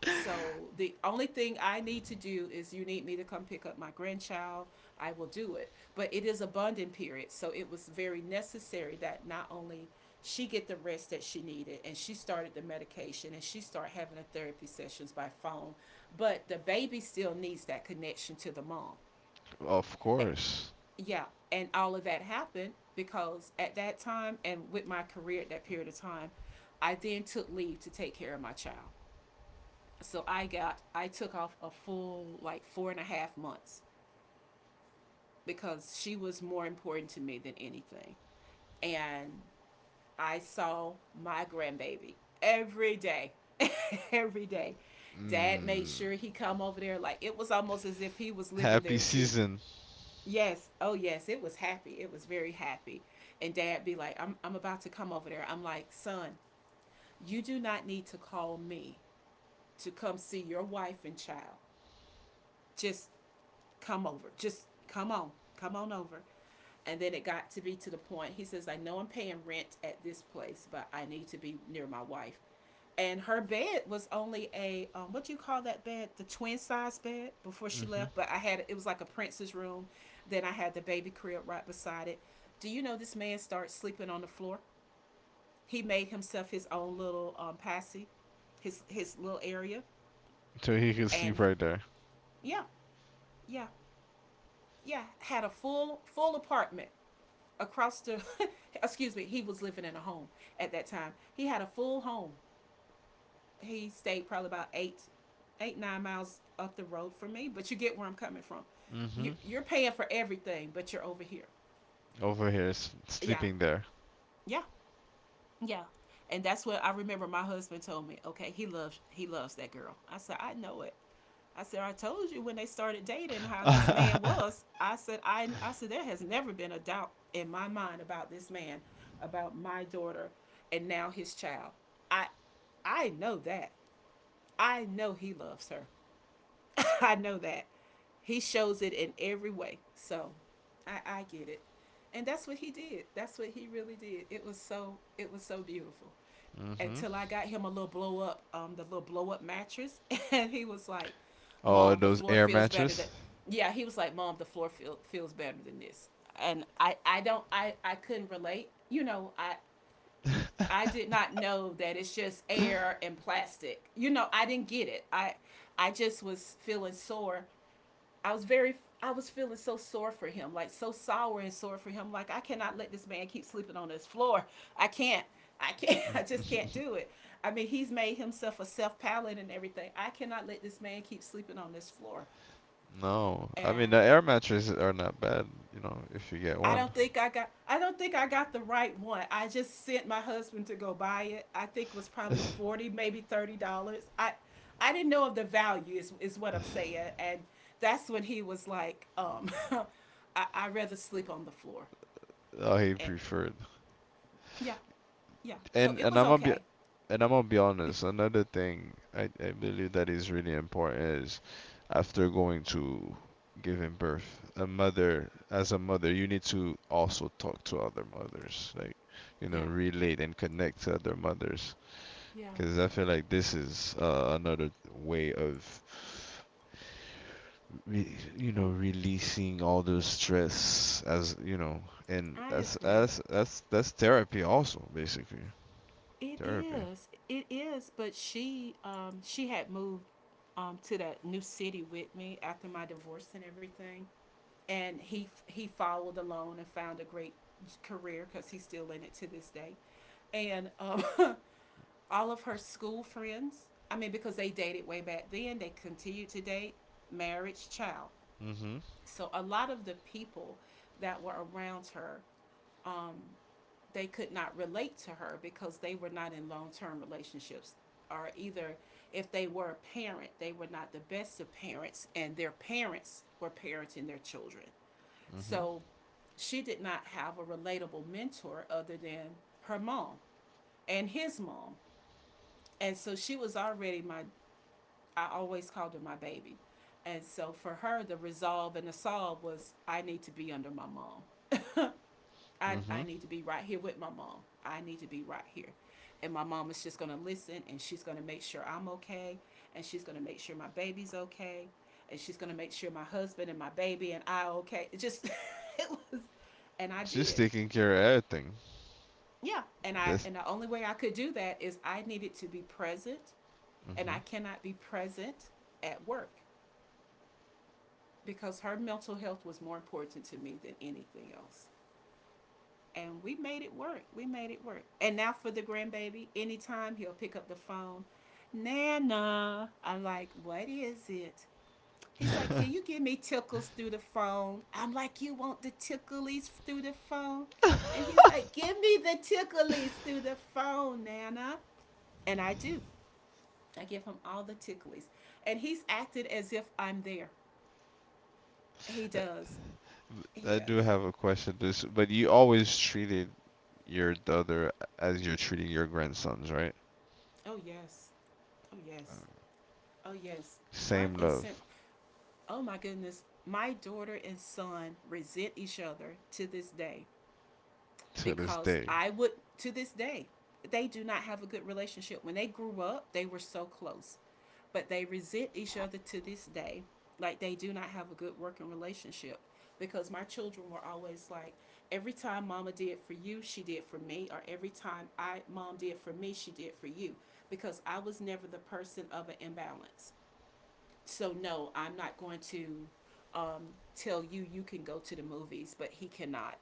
S2: So the only thing I need to do is, you need me to come pick up my grandchild. I will do it. But it is a bonding period, so it was very necessary that not only she get the rest that she needed, and she started the medication, and she started having the therapy sessions by phone, but the baby still needs that connection to the mom.
S1: Of
S2: Eh,
S1: course.
S2: Yeah, and all of that happened because, at that time and with my career at that period of time, I then took leave to take care of my child, I took off a full, like, four and a half months, because she was more important to me than anything. And I saw my grandbaby every day. Every day. Dad made
S1: Mm.
S2: sure he come over there, like it was almost as if he was living
S1: Happy
S2: there too.
S1: season.
S2: Yes, oh yes, it was happy. It was very happy. And dad be like, I'm about to come over there. I'm like, son, you do not need to call me to come see your wife and child. Just come over. Just come on. Come on over. And then it got to be to the point he says, I know I'm paying rent at this place, but I need to be near my wife. And her bed was only a, what do you call that bed? The twin size bed before she
S1: Mm-hmm.
S2: left. But I had, it was like a prince's room. Then I had the baby crib right beside it. Do you know this man starts sleeping on the floor? He made himself his own little, passy, his little area,
S1: So he can
S2: and
S1: sleep right there.
S2: yeah, yeah, yeah, had a full apartment across the excuse me, he was living in a home at that time. He had a full home. He stayed probably about eight nine miles up the road from me, but you get where I'm coming from.
S1: Mm-hmm.
S2: You, you're paying for everything, but you're over here.
S1: Over here,
S2: Yeah.
S1: sleeping there.
S2: Yeah. Yeah. And that's what I remember, my husband told me, okay, he loves that girl. I said, I know it. I said, I told you when they started dating how this man was. I said, I said there has never been a doubt in my mind about this man, about my daughter, and now his child. I I know that. I know he loves her. I know that. He shows it in every way. So I get it. And that's what he did. That's what he really did. It was so, it was so beautiful. Until
S1: Mm-hmm.
S2: I got him a little blow up, the little blow up mattress, and he was like,
S1: Oh,
S2: "Mom, the
S1: those
S2: floor
S1: air
S2: feels better than."
S1: mattress?
S2: Yeah, he was like, "Mom, the floor feels better than this." And I don't, I couldn't relate. You know, I did not know that it's just air and plastic. You know, I didn't get it. I just was feeling sore. I was very I was feeling so sore for him, like so sour and sore for him. Like, I cannot let this man keep sleeping on this floor. I can't. I can't. I just can't do it. I mean, he's made himself a self pallet and everything. I cannot let this man keep sleeping on this floor.
S1: No. I mean, the
S2: And
S1: air mattresses are not bad, you know, if you get one.
S2: I don't think I got the right one. I just sent my husband to go buy it. I think it was probably $40, maybe $30. I I didn't know of the value is what I'm saying. And that's when he was like I rather sleep on the floor.
S1: Oh, he
S2: And
S1: preferred.
S2: yeah. Yeah. So
S1: And
S2: it
S1: and
S2: was okay.
S1: I'm gonna be honest, another thing I believe that is really important is after going to giving birth, as a mother, you need to also talk to other mothers, like, you know,
S2: Yeah.
S1: relate and connect to other mothers.
S2: Yeah.
S1: Because I feel like this is another way of,
S2: Um,
S1: releasing all the stress as, and
S2: I
S1: that's,
S2: agree.
S1: that's, that's, that's therapy also, basically.
S2: It
S1: Therapy.
S2: is. It is, but she had moved to that new city with me after my divorce and everything. And he followed alone and found a great career because he's still in it to this day. And all of her school friends, I mean, because they dated way back then, they continued to date, marriage, child.
S1: Mm-hmm.
S2: So a lot of the people that were around her, they could not relate to her because they were not in long-term relationships, or either if they were a parent, they were not the best of parents, and their parents were parenting their children.
S1: Mm-hmm.
S2: So she did not have a relatable mentor other than her mom and his mom. And so she was already my, I always called her my baby. And so for her, the resolve and the solve was, I need to be under my mom. I,
S1: Mm-hmm.
S2: I need to be right here with my mom. I need to be right here. And my mom is just going to listen, and she's going to make sure I'm okay. And she's going to make sure my baby's okay. And she's going to make sure my husband and my baby and I okay. It just, it was, and I
S1: She's
S2: did.
S1: taking care of everything.
S2: Yeah, and I,
S1: This.
S2: and the only way I could do that is I needed to be present, and
S1: Hmm.
S2: I cannot be present at work because her mental health was more important to me than anything else. And we made it work. We made it work. And now for the grandbaby, anytime he'll pick up the phone, Nana, I'm like, what is it? He's like, can you give me tickles through the phone? I'm like, you want the ticklies through the phone? And he's like, give me the ticklies through the phone, Nana. And I do. I give him all the ticklies. And he's acted as if I'm there. He does. He
S1: I do
S2: does.
S1: have a question. This, but you always treated your daughter as you're treating your grandsons, right?
S2: Oh, yes. Oh, yes. Oh, yes. Front
S1: Same
S2: and center.
S1: love
S2: Oh, my goodness. My daughter and son resent each other to this day.
S1: to this
S2: Because
S1: day.
S2: I would, to this day, they do not have a good relationship. When they grew up, they were so close, but they resent each other to this day. Like, they do not have a good working relationship because my children were always like, every time mama did for you, she did for me, or every time I mom did for me, she did for you, because I was never the person of an imbalance. So no, I'm not going to um, tell you you can go to the movies, but he cannot.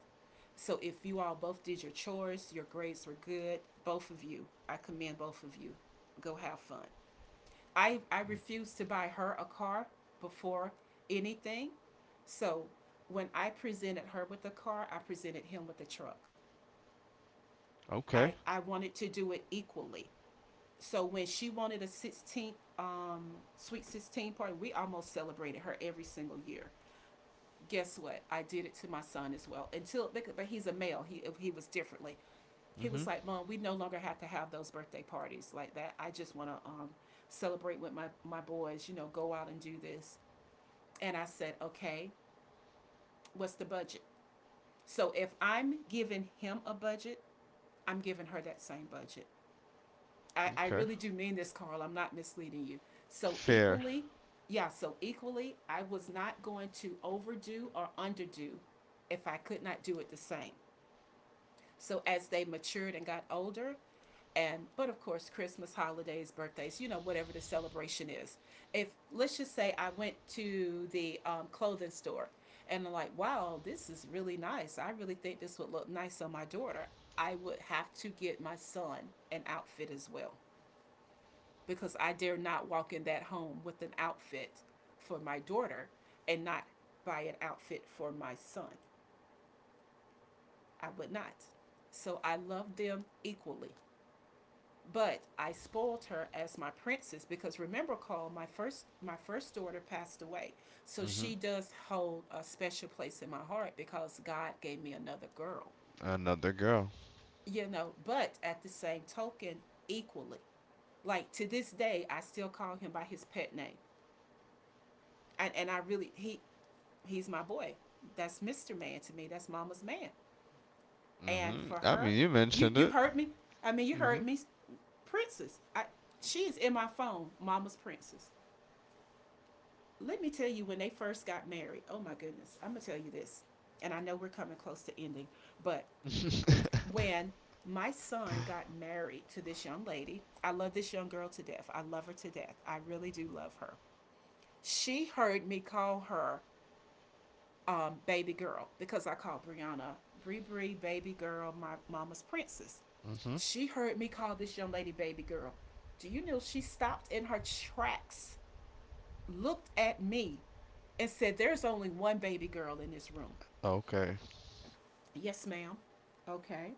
S2: So if you all both did your chores, your grades were good, both of you, I commend both of you. Go have fun. I refused to buy her a car before anything. So when I presented her with a car, I presented him with a truck. I,
S1: Okay.
S2: I wanted to do it equally. So when she wanted a 16th, sweet 16 party, we almost celebrated her every single year. Guess what? I did it to my son as well. Until, but he's a male. He was differently. He was
S1: Mhm.
S2: like, "Mom, we no longer have to have those birthday parties like that. I just want to celebrate with my boys. You know, go out and do this." And I said, "Okay, what's the budget?" So if I'm giving him a budget, I'm giving her that same budget. I
S1: Okay.
S2: really do mean this, Carl. I'm not misleading you. So
S1: Fair.
S2: equally, yeah, so equally, I was not going to overdo or underdo if I could not do it the same. So as they matured and got older, and but of course Christmas, holidays, birthdays, you know, whatever the celebration is. If, let's just say, I went to the clothing store and I'm like, wow, this is really nice. I really think this would look nice on my daughter. I would have to get my son an outfit as well, because I dare not walk in that home with an outfit for my daughter and not buy an outfit for my son. I would not. So I love them equally. But I spoiled her as my princess because, remember, Cole, my first daughter passed away, so
S1: Mhm.
S2: she does hold a special place in my heart because God gave me another girl.
S1: Another girl.
S2: You know, but at the same token, equally, like to this day, I still call him by his pet name, and I really, he, he's my boy. That's Mister Man to me. That's Mama's man. And
S1: Mhm.
S2: for
S1: I
S2: her,
S1: mean, you mentioned
S2: you
S1: it.
S2: heard me. I mean, you heard
S1: Mhm.
S2: me, Princess. I, she is in my phone, Mama's Princess. Let me tell you, when they first got married, oh my goodness, I'm going to tell you this. And I know we're coming close to ending, but when my son got married to this young lady, I love this young girl to death. I love her to death. I really do love her. She heard me call her baby girl because I call Brianna Bree Bree, baby girl, my mama's princess.
S1: Mhm.
S2: She heard me call this young lady baby girl. Do you know she stopped in her tracks, looked at me, and said, there's only one baby girl in this room.
S1: Okay.
S2: Yes, ma'am. Okay.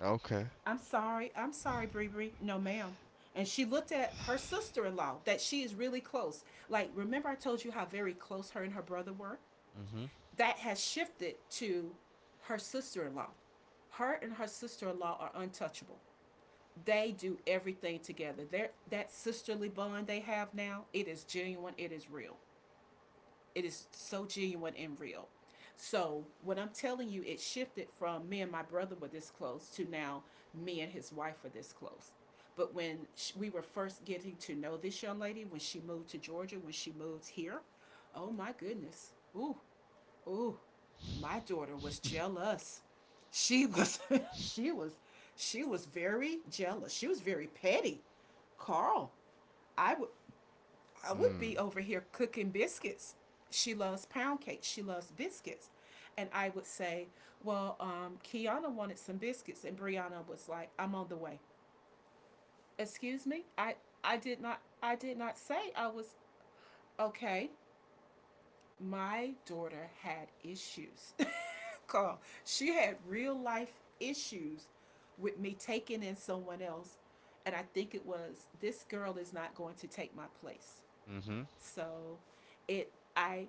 S1: Okay.
S2: I'm sorry. I'm sorry, Bree Bree. No, ma'am. And she looked at her sister in law that she is really close. Like, remember I told you how very close her and her brother were?
S1: Mhm.
S2: That has shifted to her sister in law. Her and her sister in law are untouchable. They do everything together. They're, that sisterly bond they have now, it is genuine, it is real. It is so genuine and real. So what I'm telling you, it shifted from me and my brother were this close to, now me and his wife are this close. But when we were first getting to know this young lady, when she moved to Georgia, when she moved here, oh my goodness, ooh, ooh, my daughter was jealous. She was, she was, she was very jealous. She was very petty. Carl, I would I would
S1: Mm.
S2: be over here cooking biscuits. She loves pound cake. She loves biscuits. And I would say, well, Kiana wanted some biscuits, and Brianna was like, I'm on the way. Excuse me? I, I did not say I was, okay. My daughter had issues. Carl, she had real life issues with me taking in someone else, and I think it was, this girl is not going to take my place.
S1: Mhm.
S2: So it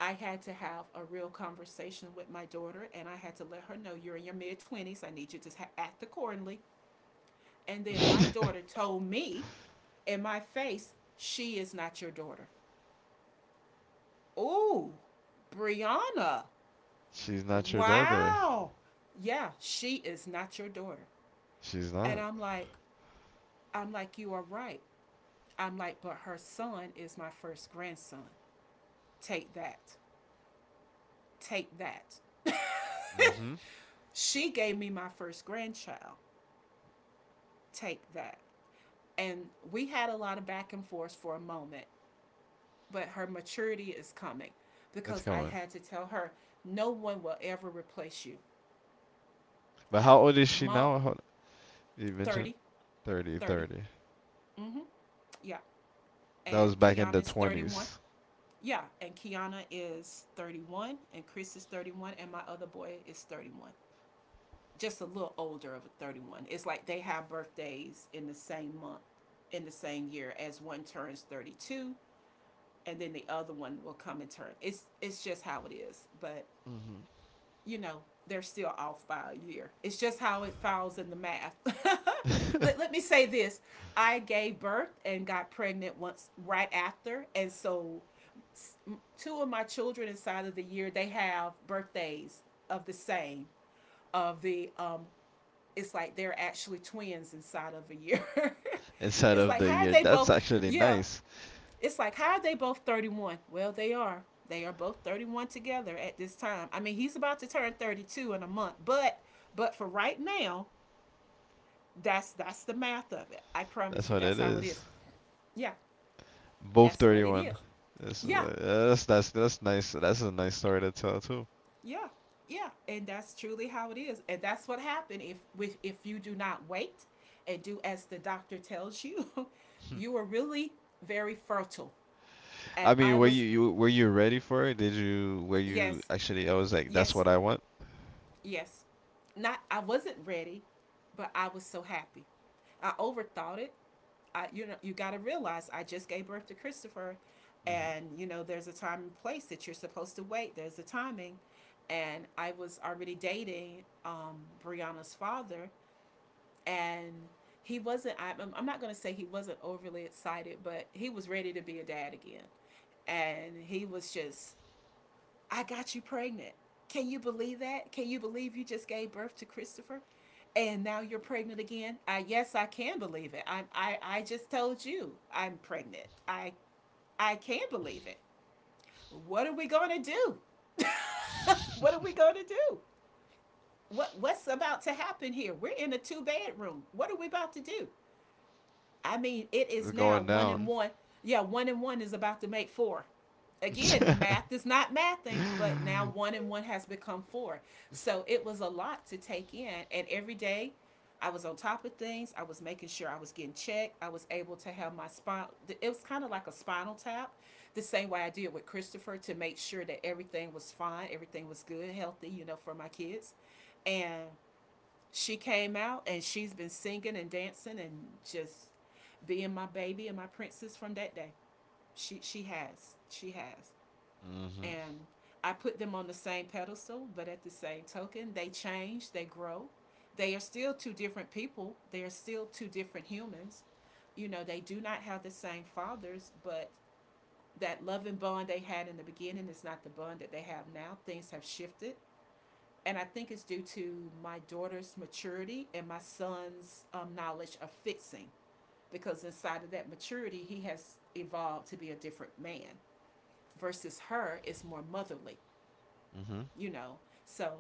S2: I had to have a real conversation with my daughter, and I had to let her know, you're in your mid 20s. I need you to act accordingly. And then my daughter told me in my face, she is not your daughter. Oh, Brianna.
S1: She's not your daughter.
S2: Wow. Yeah, she is not your daughter.
S1: She's
S2: And
S1: not.
S2: I'm like, you are right. I'm like, but her son is my first grandson. Take that. Take that.
S1: Mhm.
S2: She gave me my first grandchild. Take that. And we had a lot of back and forth for a moment, but her maturity is coming
S1: It's
S2: because I
S1: coming.
S2: had to tell her, no one will ever replace you.
S1: But
S2: I,
S1: how old is she
S2: Mom,
S1: now? You mentioned.
S2: 30,
S1: 30,
S2: thirty.
S1: 30.
S2: Mm-hmm. Yeah.
S1: That was
S2: And
S1: back in the
S2: Kiana's 31.
S1: 20s
S2: Yeah. And Kiana is 31. And Chris is 31. And my other boy is 31. Just a little older of a 31. It's like they have birthdays in the same month, in the same year, as one turns 32 and then the other one will come in turn. It's just how it is. But you know, they're still off by a year. It's just how it falls in the math. Let me say this. I gave birth and got pregnant once right after, and so two of my children inside of the year, they have birthdays of the same, of the it's like they're actually twins inside of a year.
S1: instead
S2: It's
S1: of
S2: like,
S1: the
S2: how are
S1: year.
S2: they
S1: That's
S2: both,
S1: actually
S2: yeah,
S1: nice.
S2: it's like, how are they both 31? Well, they are. They are both 31 together at this time. I mean, he's about to turn 32 in a month, but for right now, that's the math of it. I promise
S1: That's
S2: you,
S1: what
S2: that's
S1: it
S2: how it
S1: is.
S2: is. Yeah,
S1: Both
S2: that's what it is.
S1: 31. That's
S2: Yeah,
S1: uh, that's that's, that's nice. That's a nice story to tell too.
S2: yeah, yeah, and that's truly how it is, and that's what happened if you do not wait and do as the doctor tells you, you are really very fertile. And
S1: I
S2: I
S1: mean, were
S2: was,
S1: you ready for it? Did you were you
S2: yes,
S1: actually? I was like, that's
S2: yes,
S1: what I want.
S2: yes. Not I wasn't ready, but I was so happy. I overthought it. You got to realize I just gave birth to Christopher, and you know there's a time and place that you're supposed to wait. There's a timing. And I was already dating Brianna's father, and he wasn't — I'm not going to say he wasn't overly excited, but he was ready to be a dad again. And he was just, I got you pregnant. Can you believe that? Can you believe you just gave birth to Christopher? And now you're pregnant again? I — yes, I can believe it. I just told you I'm pregnant. I — I can believe it. What are we going to do? What are we going to do? What what's about to happen here? We're in a two bedroom. What are we about to do? I mean, it is
S1: It's
S2: now
S1: going
S2: one and
S1: down.
S2: one. Yeah, one and one is about to make four. Again, the math is not mathing, but now one and one has become four. So it was a lot to take in. And every day I was on top of things. I was making sure I was getting checked. I was able to have my spine. It was kind of like a spinal tap, the same way I did with Christopher to make sure that everything was fine, everything was good, healthy, you know, for my kids. And she came out and she's been singing and dancing and just being my baby and my princess from that day. She has. She has.
S1: Mhm.
S2: And I put them on the same pedestal, but at the same token, they change, they grow. They are still two different people. They are still two different humans. You know, they do not have the same fathers, but that loving bond they had in the beginning is not the bond that they have now. Things have shifted, and I think it's due to my daughter's maturity and my son's knowledge of fixing. Because inside of that maturity, he has evolved to be a different man. Versus her is more motherly,
S1: Mhm.
S2: you know. So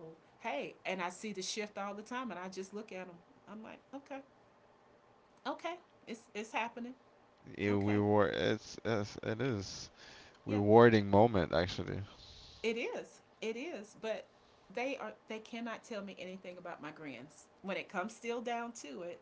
S2: hey, and I see the shift all the time, and I just look at him. I'm like, okay, okay, it's happening.
S1: Yeah, we
S2: Okay,
S1: were. It is
S2: yeah,
S1: rewarding moment actually.
S2: it is, it is. But they are — they cannot tell me anything about my grands. When it comes still down to it,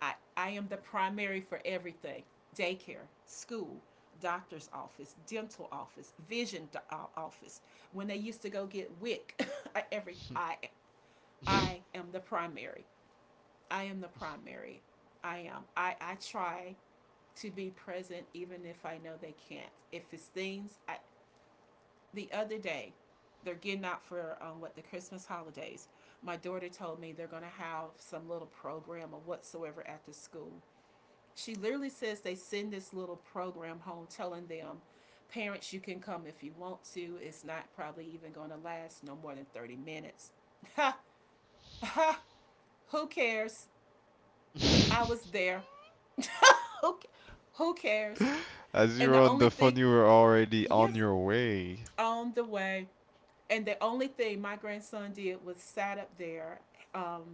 S2: I am the primary for everything: daycare, school, doctor's office, dental office, vision office. When they used to go get WIC, every I — I am the primary. I am the primary. I am. I try to be present even if I know they can't. If it's things I — the other day, they're getting out for what the Christmas holidays. My daughter told me they're gonna have some little program or whatsoever at the school. She literally says they send this little program home telling them, parents, you can come if you want to. It's not probably even going to last no more than 30 minutes. Ha, ha, who cares? I was there. who, who cares?
S1: As you
S2: And
S1: were
S2: the
S1: on
S2: only
S1: the phone,
S2: thing —
S1: you were already on
S2: yes,
S1: your way.
S2: on the way. And the only thing my grandson did was sat up there, um,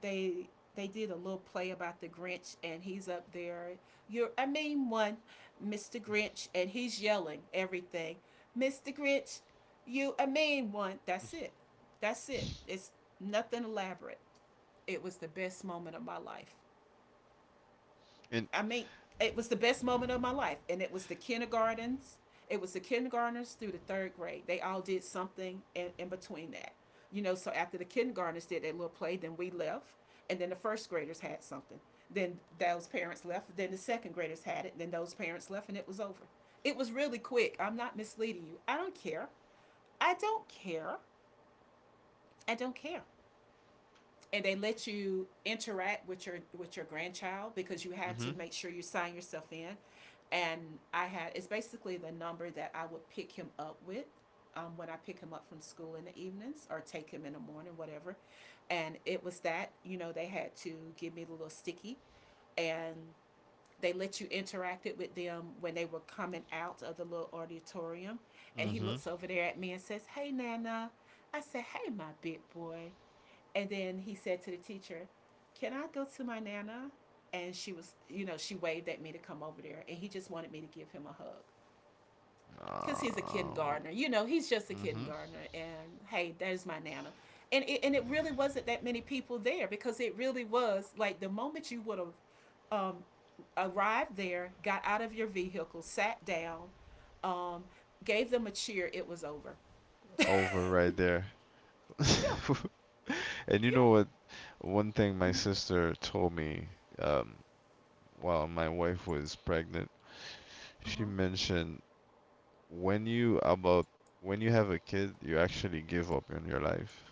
S2: they — they did a little play about the Grinch, and he's up there. You're — I mean one, Mr. Grinch, and he's yelling everything. Mr. Grinch, you — I mean one. That's it. That's it. It's nothing elaborate. It was the best moment of my life.
S1: And
S2: I mean, it was the best moment of my life. And it was the kindergartens. It was the kindergartners through the third grade. They all did something in between that. You know, so after the kindergartners did that little play, then we left. And then the first graders had something. Then those parents left. Then the second graders had it. Then those parents left, and it was over. It was really quick. I'm not misleading you. I don't care. I don't care. I don't care. And they let you interact with your grandchild because you had to
S1: mhm,
S2: make sure you sign yourself in, and I had — it's basically the number that I would pick him up with, when I pick him up from school in the evenings or take him in the morning, whatever. And it was that, you know, they had to give me the little sticky, and they let you interact it with them when they were coming out of the little auditorium. And he
S1: mhm,
S2: looks over there at me and says, hey, Nana. I said, hey, my big boy. And then he said to the teacher, can I go to my Nana? And she was, you know, she waved at me to come over there. And he just wanted me to give him a hug because he's a
S1: um,
S2: kindergartner. You know, he's just a
S1: mhm.
S2: kindergartner. And hey, there's my Nana. And it really wasn't that many people there because it really was like the moment you would have um, arrived there, got out of your vehicle, sat down, um, gave them a cheer, it was over. Yeah,
S1: And you
S2: yeah.
S1: know what? One thing my
S2: Mm-hmm.
S1: sister told me, um, while my wife was pregnant, she
S2: Uh-huh.
S1: mentioned when you about when you have a kid, you actually give up on your life.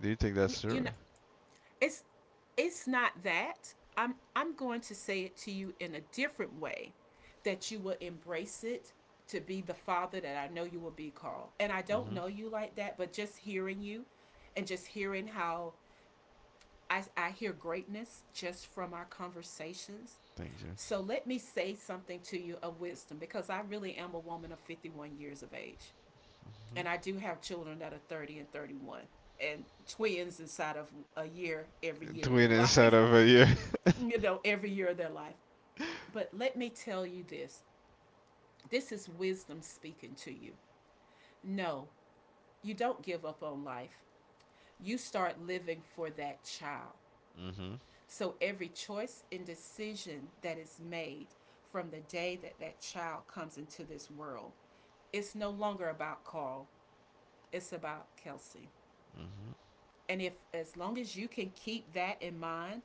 S1: Do you think that's
S2: You
S1: true?
S2: know, it's it's not that. I'm going to say it to you in a different way that you will embrace it to be the father that I know you will be, Carl. And I don't
S1: Mhm.
S2: know you like that, but just hearing you and just hearing how I hear greatness just from our conversations.
S1: Thank you.
S2: So let me say something to you of wisdom because I really am a woman of 51 years of age, and I do have children that are 30 and 31 and twins inside of a year every year of
S1: Twin
S2: their
S1: inside
S2: life,
S1: of a year.
S2: you know, every year of their life. But let me tell you this, this is wisdom speaking to you. No, you don't give up on life, you start living for that child.
S1: Mhm,
S2: So every choice and decision that is made from the day that that child comes into this world, it's no longer about Carl, it's about Kelsey.
S1: mhm,
S2: And if — as long as you can keep that in mind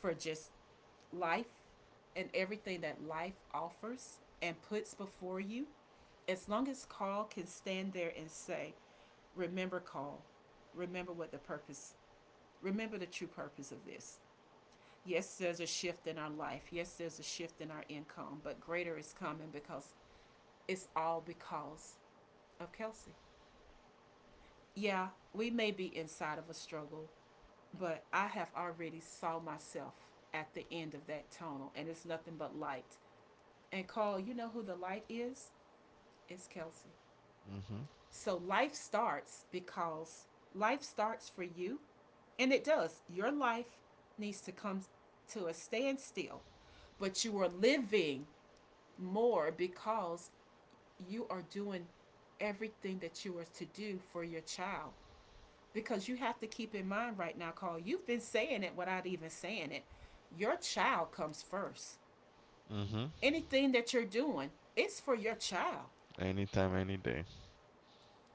S2: for just life and everything that life offers and puts before you, as long as Carl can stand there and say, remember, Carl, remember what the purpose, remember the true purpose of this. Yes, there's a shift in our life. Yes, there's a shift in our income, but greater is coming because it's all because of Kelsey. Yeah, we may be inside of a struggle. But I have already saw myself at the end of that tunnel, and it's nothing but light. And Carl, you know who the light is? It's Kelsey.
S1: mhm,
S2: So life starts because life starts for you, and it does. Your life needs to come to a standstill, but you are living more because you are doing everything that you are to do for your child. Because you have to keep in mind right now, Carl, you've been saying it without even saying it. Your child comes first.
S1: mhm.
S2: Anything that you're doing, it's for your child,
S1: Anytime, any day.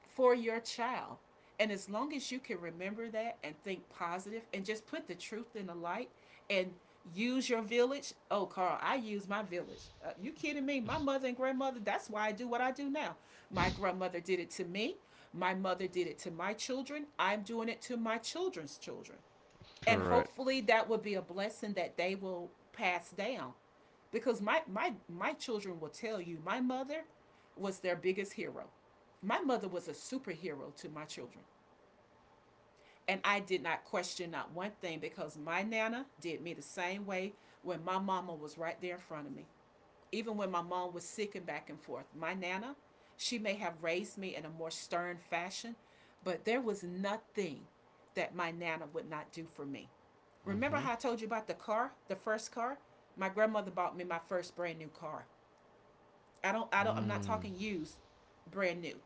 S2: for your child. And as long as you can remember that and think positive and just put the truth in the light and use your village. Oh, Carl, I use my village. You kidding me? My mother and grandmother, that's why I do what I do now. My grandmother did it to me. My mother did it to my children. I'm doing it to my children's children. And
S1: Correct.
S2: hopefully that would be a blessing that they will pass down because my children will tell you my mother was their biggest hero. My mother was a superhero to my children, and I did not question not one thing because my Nana did me the same way when my mama was right there in front of me, even when my mom was sick and back and forth. My Nana, she may have raised me in a more stern fashion, but there was nothing that my Nana would not do for me. Remember
S1: Mhm.
S2: how I told you about the car, the first car? My grandmother bought me my first brand new car. I don't — I'm not
S1: Mm.
S2: talking used, brand new.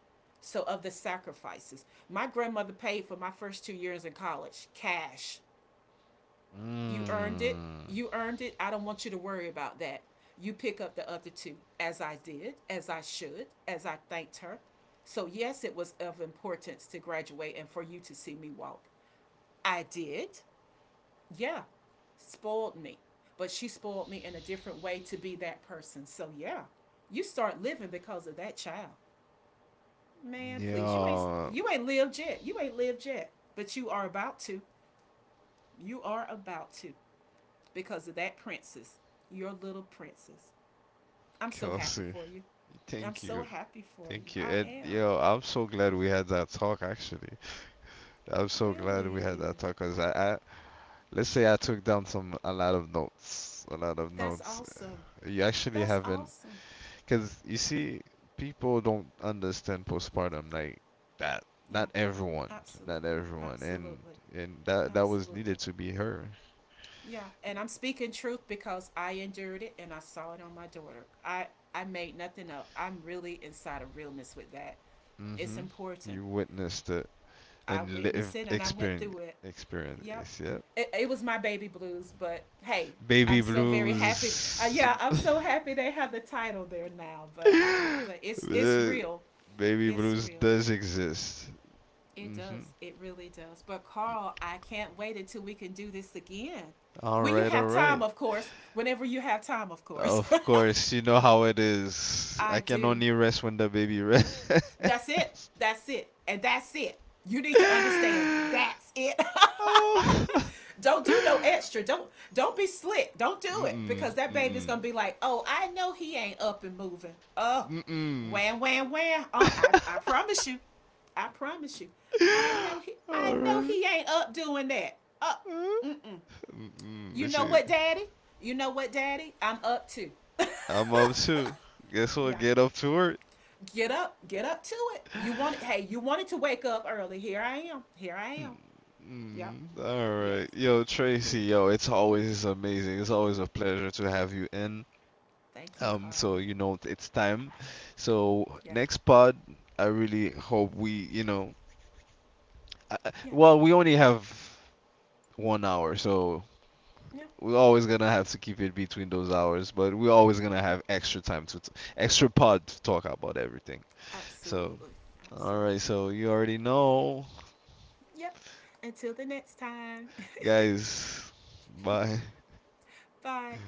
S2: So of the sacrifices. My grandmother paid for my first 2 years in college, cash. You earned it.
S1: Mm.
S2: You earned it. I don't want you to worry about that. You pick up the other two, as I did, as I should, as I thanked her. So, yes, it was of importance to graduate and for you to see me walk. I did. Yeah. Spoiled me. But she spoiled me in a different way to be that person. So, yeah. You start living because of that child. Man, please. You ain't
S1: Yo,
S2: you ain't lived yet. You ain't lived yet. But you are about to. You are about to. Because of that princess, your little princess. I'm so happy
S1: Kelsey,
S2: for you. I'm
S1: thank
S2: so
S1: you.
S2: happy for you.
S1: Thank you.
S2: I
S1: And
S2: am.
S1: yo, I'm so glad we had that talk actually. I'm so glad we had
S2: Really.
S1: that talk because let's say I took down some a lot of notes, a lot of
S2: That's
S1: notes.
S2: awesome.
S1: You actually
S2: That's
S1: haven't,
S2: awesome.
S1: because you see, people don't understand postpartum like that.
S2: Yeah,
S1: Not everyone,
S2: absolutely.
S1: not everyone, and
S2: Absolutely.
S1: and that was needed
S2: Absolutely.
S1: to be heard.
S2: Yeah, and I'm speaking truth because I endured it and I saw it on my daughter. I — I made nothing up. I'm really inside of realness with that. It's
S1: Hmm.
S2: important.
S1: You witnessed it.
S2: I
S1: And live
S2: witnessed it and I went
S1: experience.
S2: through it. Yep.
S1: Yeah.
S2: It was my baby blues, but hey, I'm
S1: Baby
S2: so very happy.
S1: blues.
S2: Yeah, I'm so happy they have the title there now. But I'm — but it's
S1: uh,
S2: real.
S1: Baby
S2: It's
S1: blues
S2: real.
S1: does exist.
S2: It
S1: Hmm.
S2: does. It really does. But Carl, I can't wait until we can do this again.
S1: All
S2: When you
S1: right, all
S2: have time,
S1: right.
S2: of course. Whenever you have time, of course.
S1: Of course, you know how it is. I
S2: I
S1: can
S2: do.
S1: only rest when the baby rests.
S2: That's it. That's it. And that's it. You need to understand. That's it. Don't do no extra. Don't be slick. Don't do it
S1: Mm-mm,
S2: because that baby's
S1: mm-mm,
S2: gonna be like, oh, I know he ain't up and moving. Oh,
S1: mm-mm.
S2: wham wham wham. I promise you, I promise you, I know he — I
S1: All
S2: know
S1: right.
S2: he ain't up doing that. Up.
S1: Mm-mm.
S2: You
S1: This
S2: know what, daddy? You know what, daddy? I'm up too.
S1: I'm up too. Guess what?
S2: Yeah.
S1: Get up to work.
S2: Get up. Get up to it. You want — hey, you wanted to wake up early. Here I am. Here I am.
S1: Mm,
S2: Yep.
S1: mm, all
S2: Yes.
S1: right. Yo,
S2: Yeah.
S1: Tracy, yo, it's always amazing. It's always a pleasure to have you in.
S2: Thank you,
S1: Um,
S2: Carl.
S1: so you know it's time. So
S2: Yes.
S1: next pod, I really hope we, you know,
S2: Yeah.
S1: well, we only have 1 hour, so
S2: Yeah.
S1: we're always gonna have to keep it between those hours, but we're always gonna have extra time to, t extra pod to talk about everything. So,
S2: Absolutely.
S1: all right,
S2: Absolutely.
S1: so you already know,
S2: Yep. Until the next time.
S1: guys. Bye.
S2: Bye.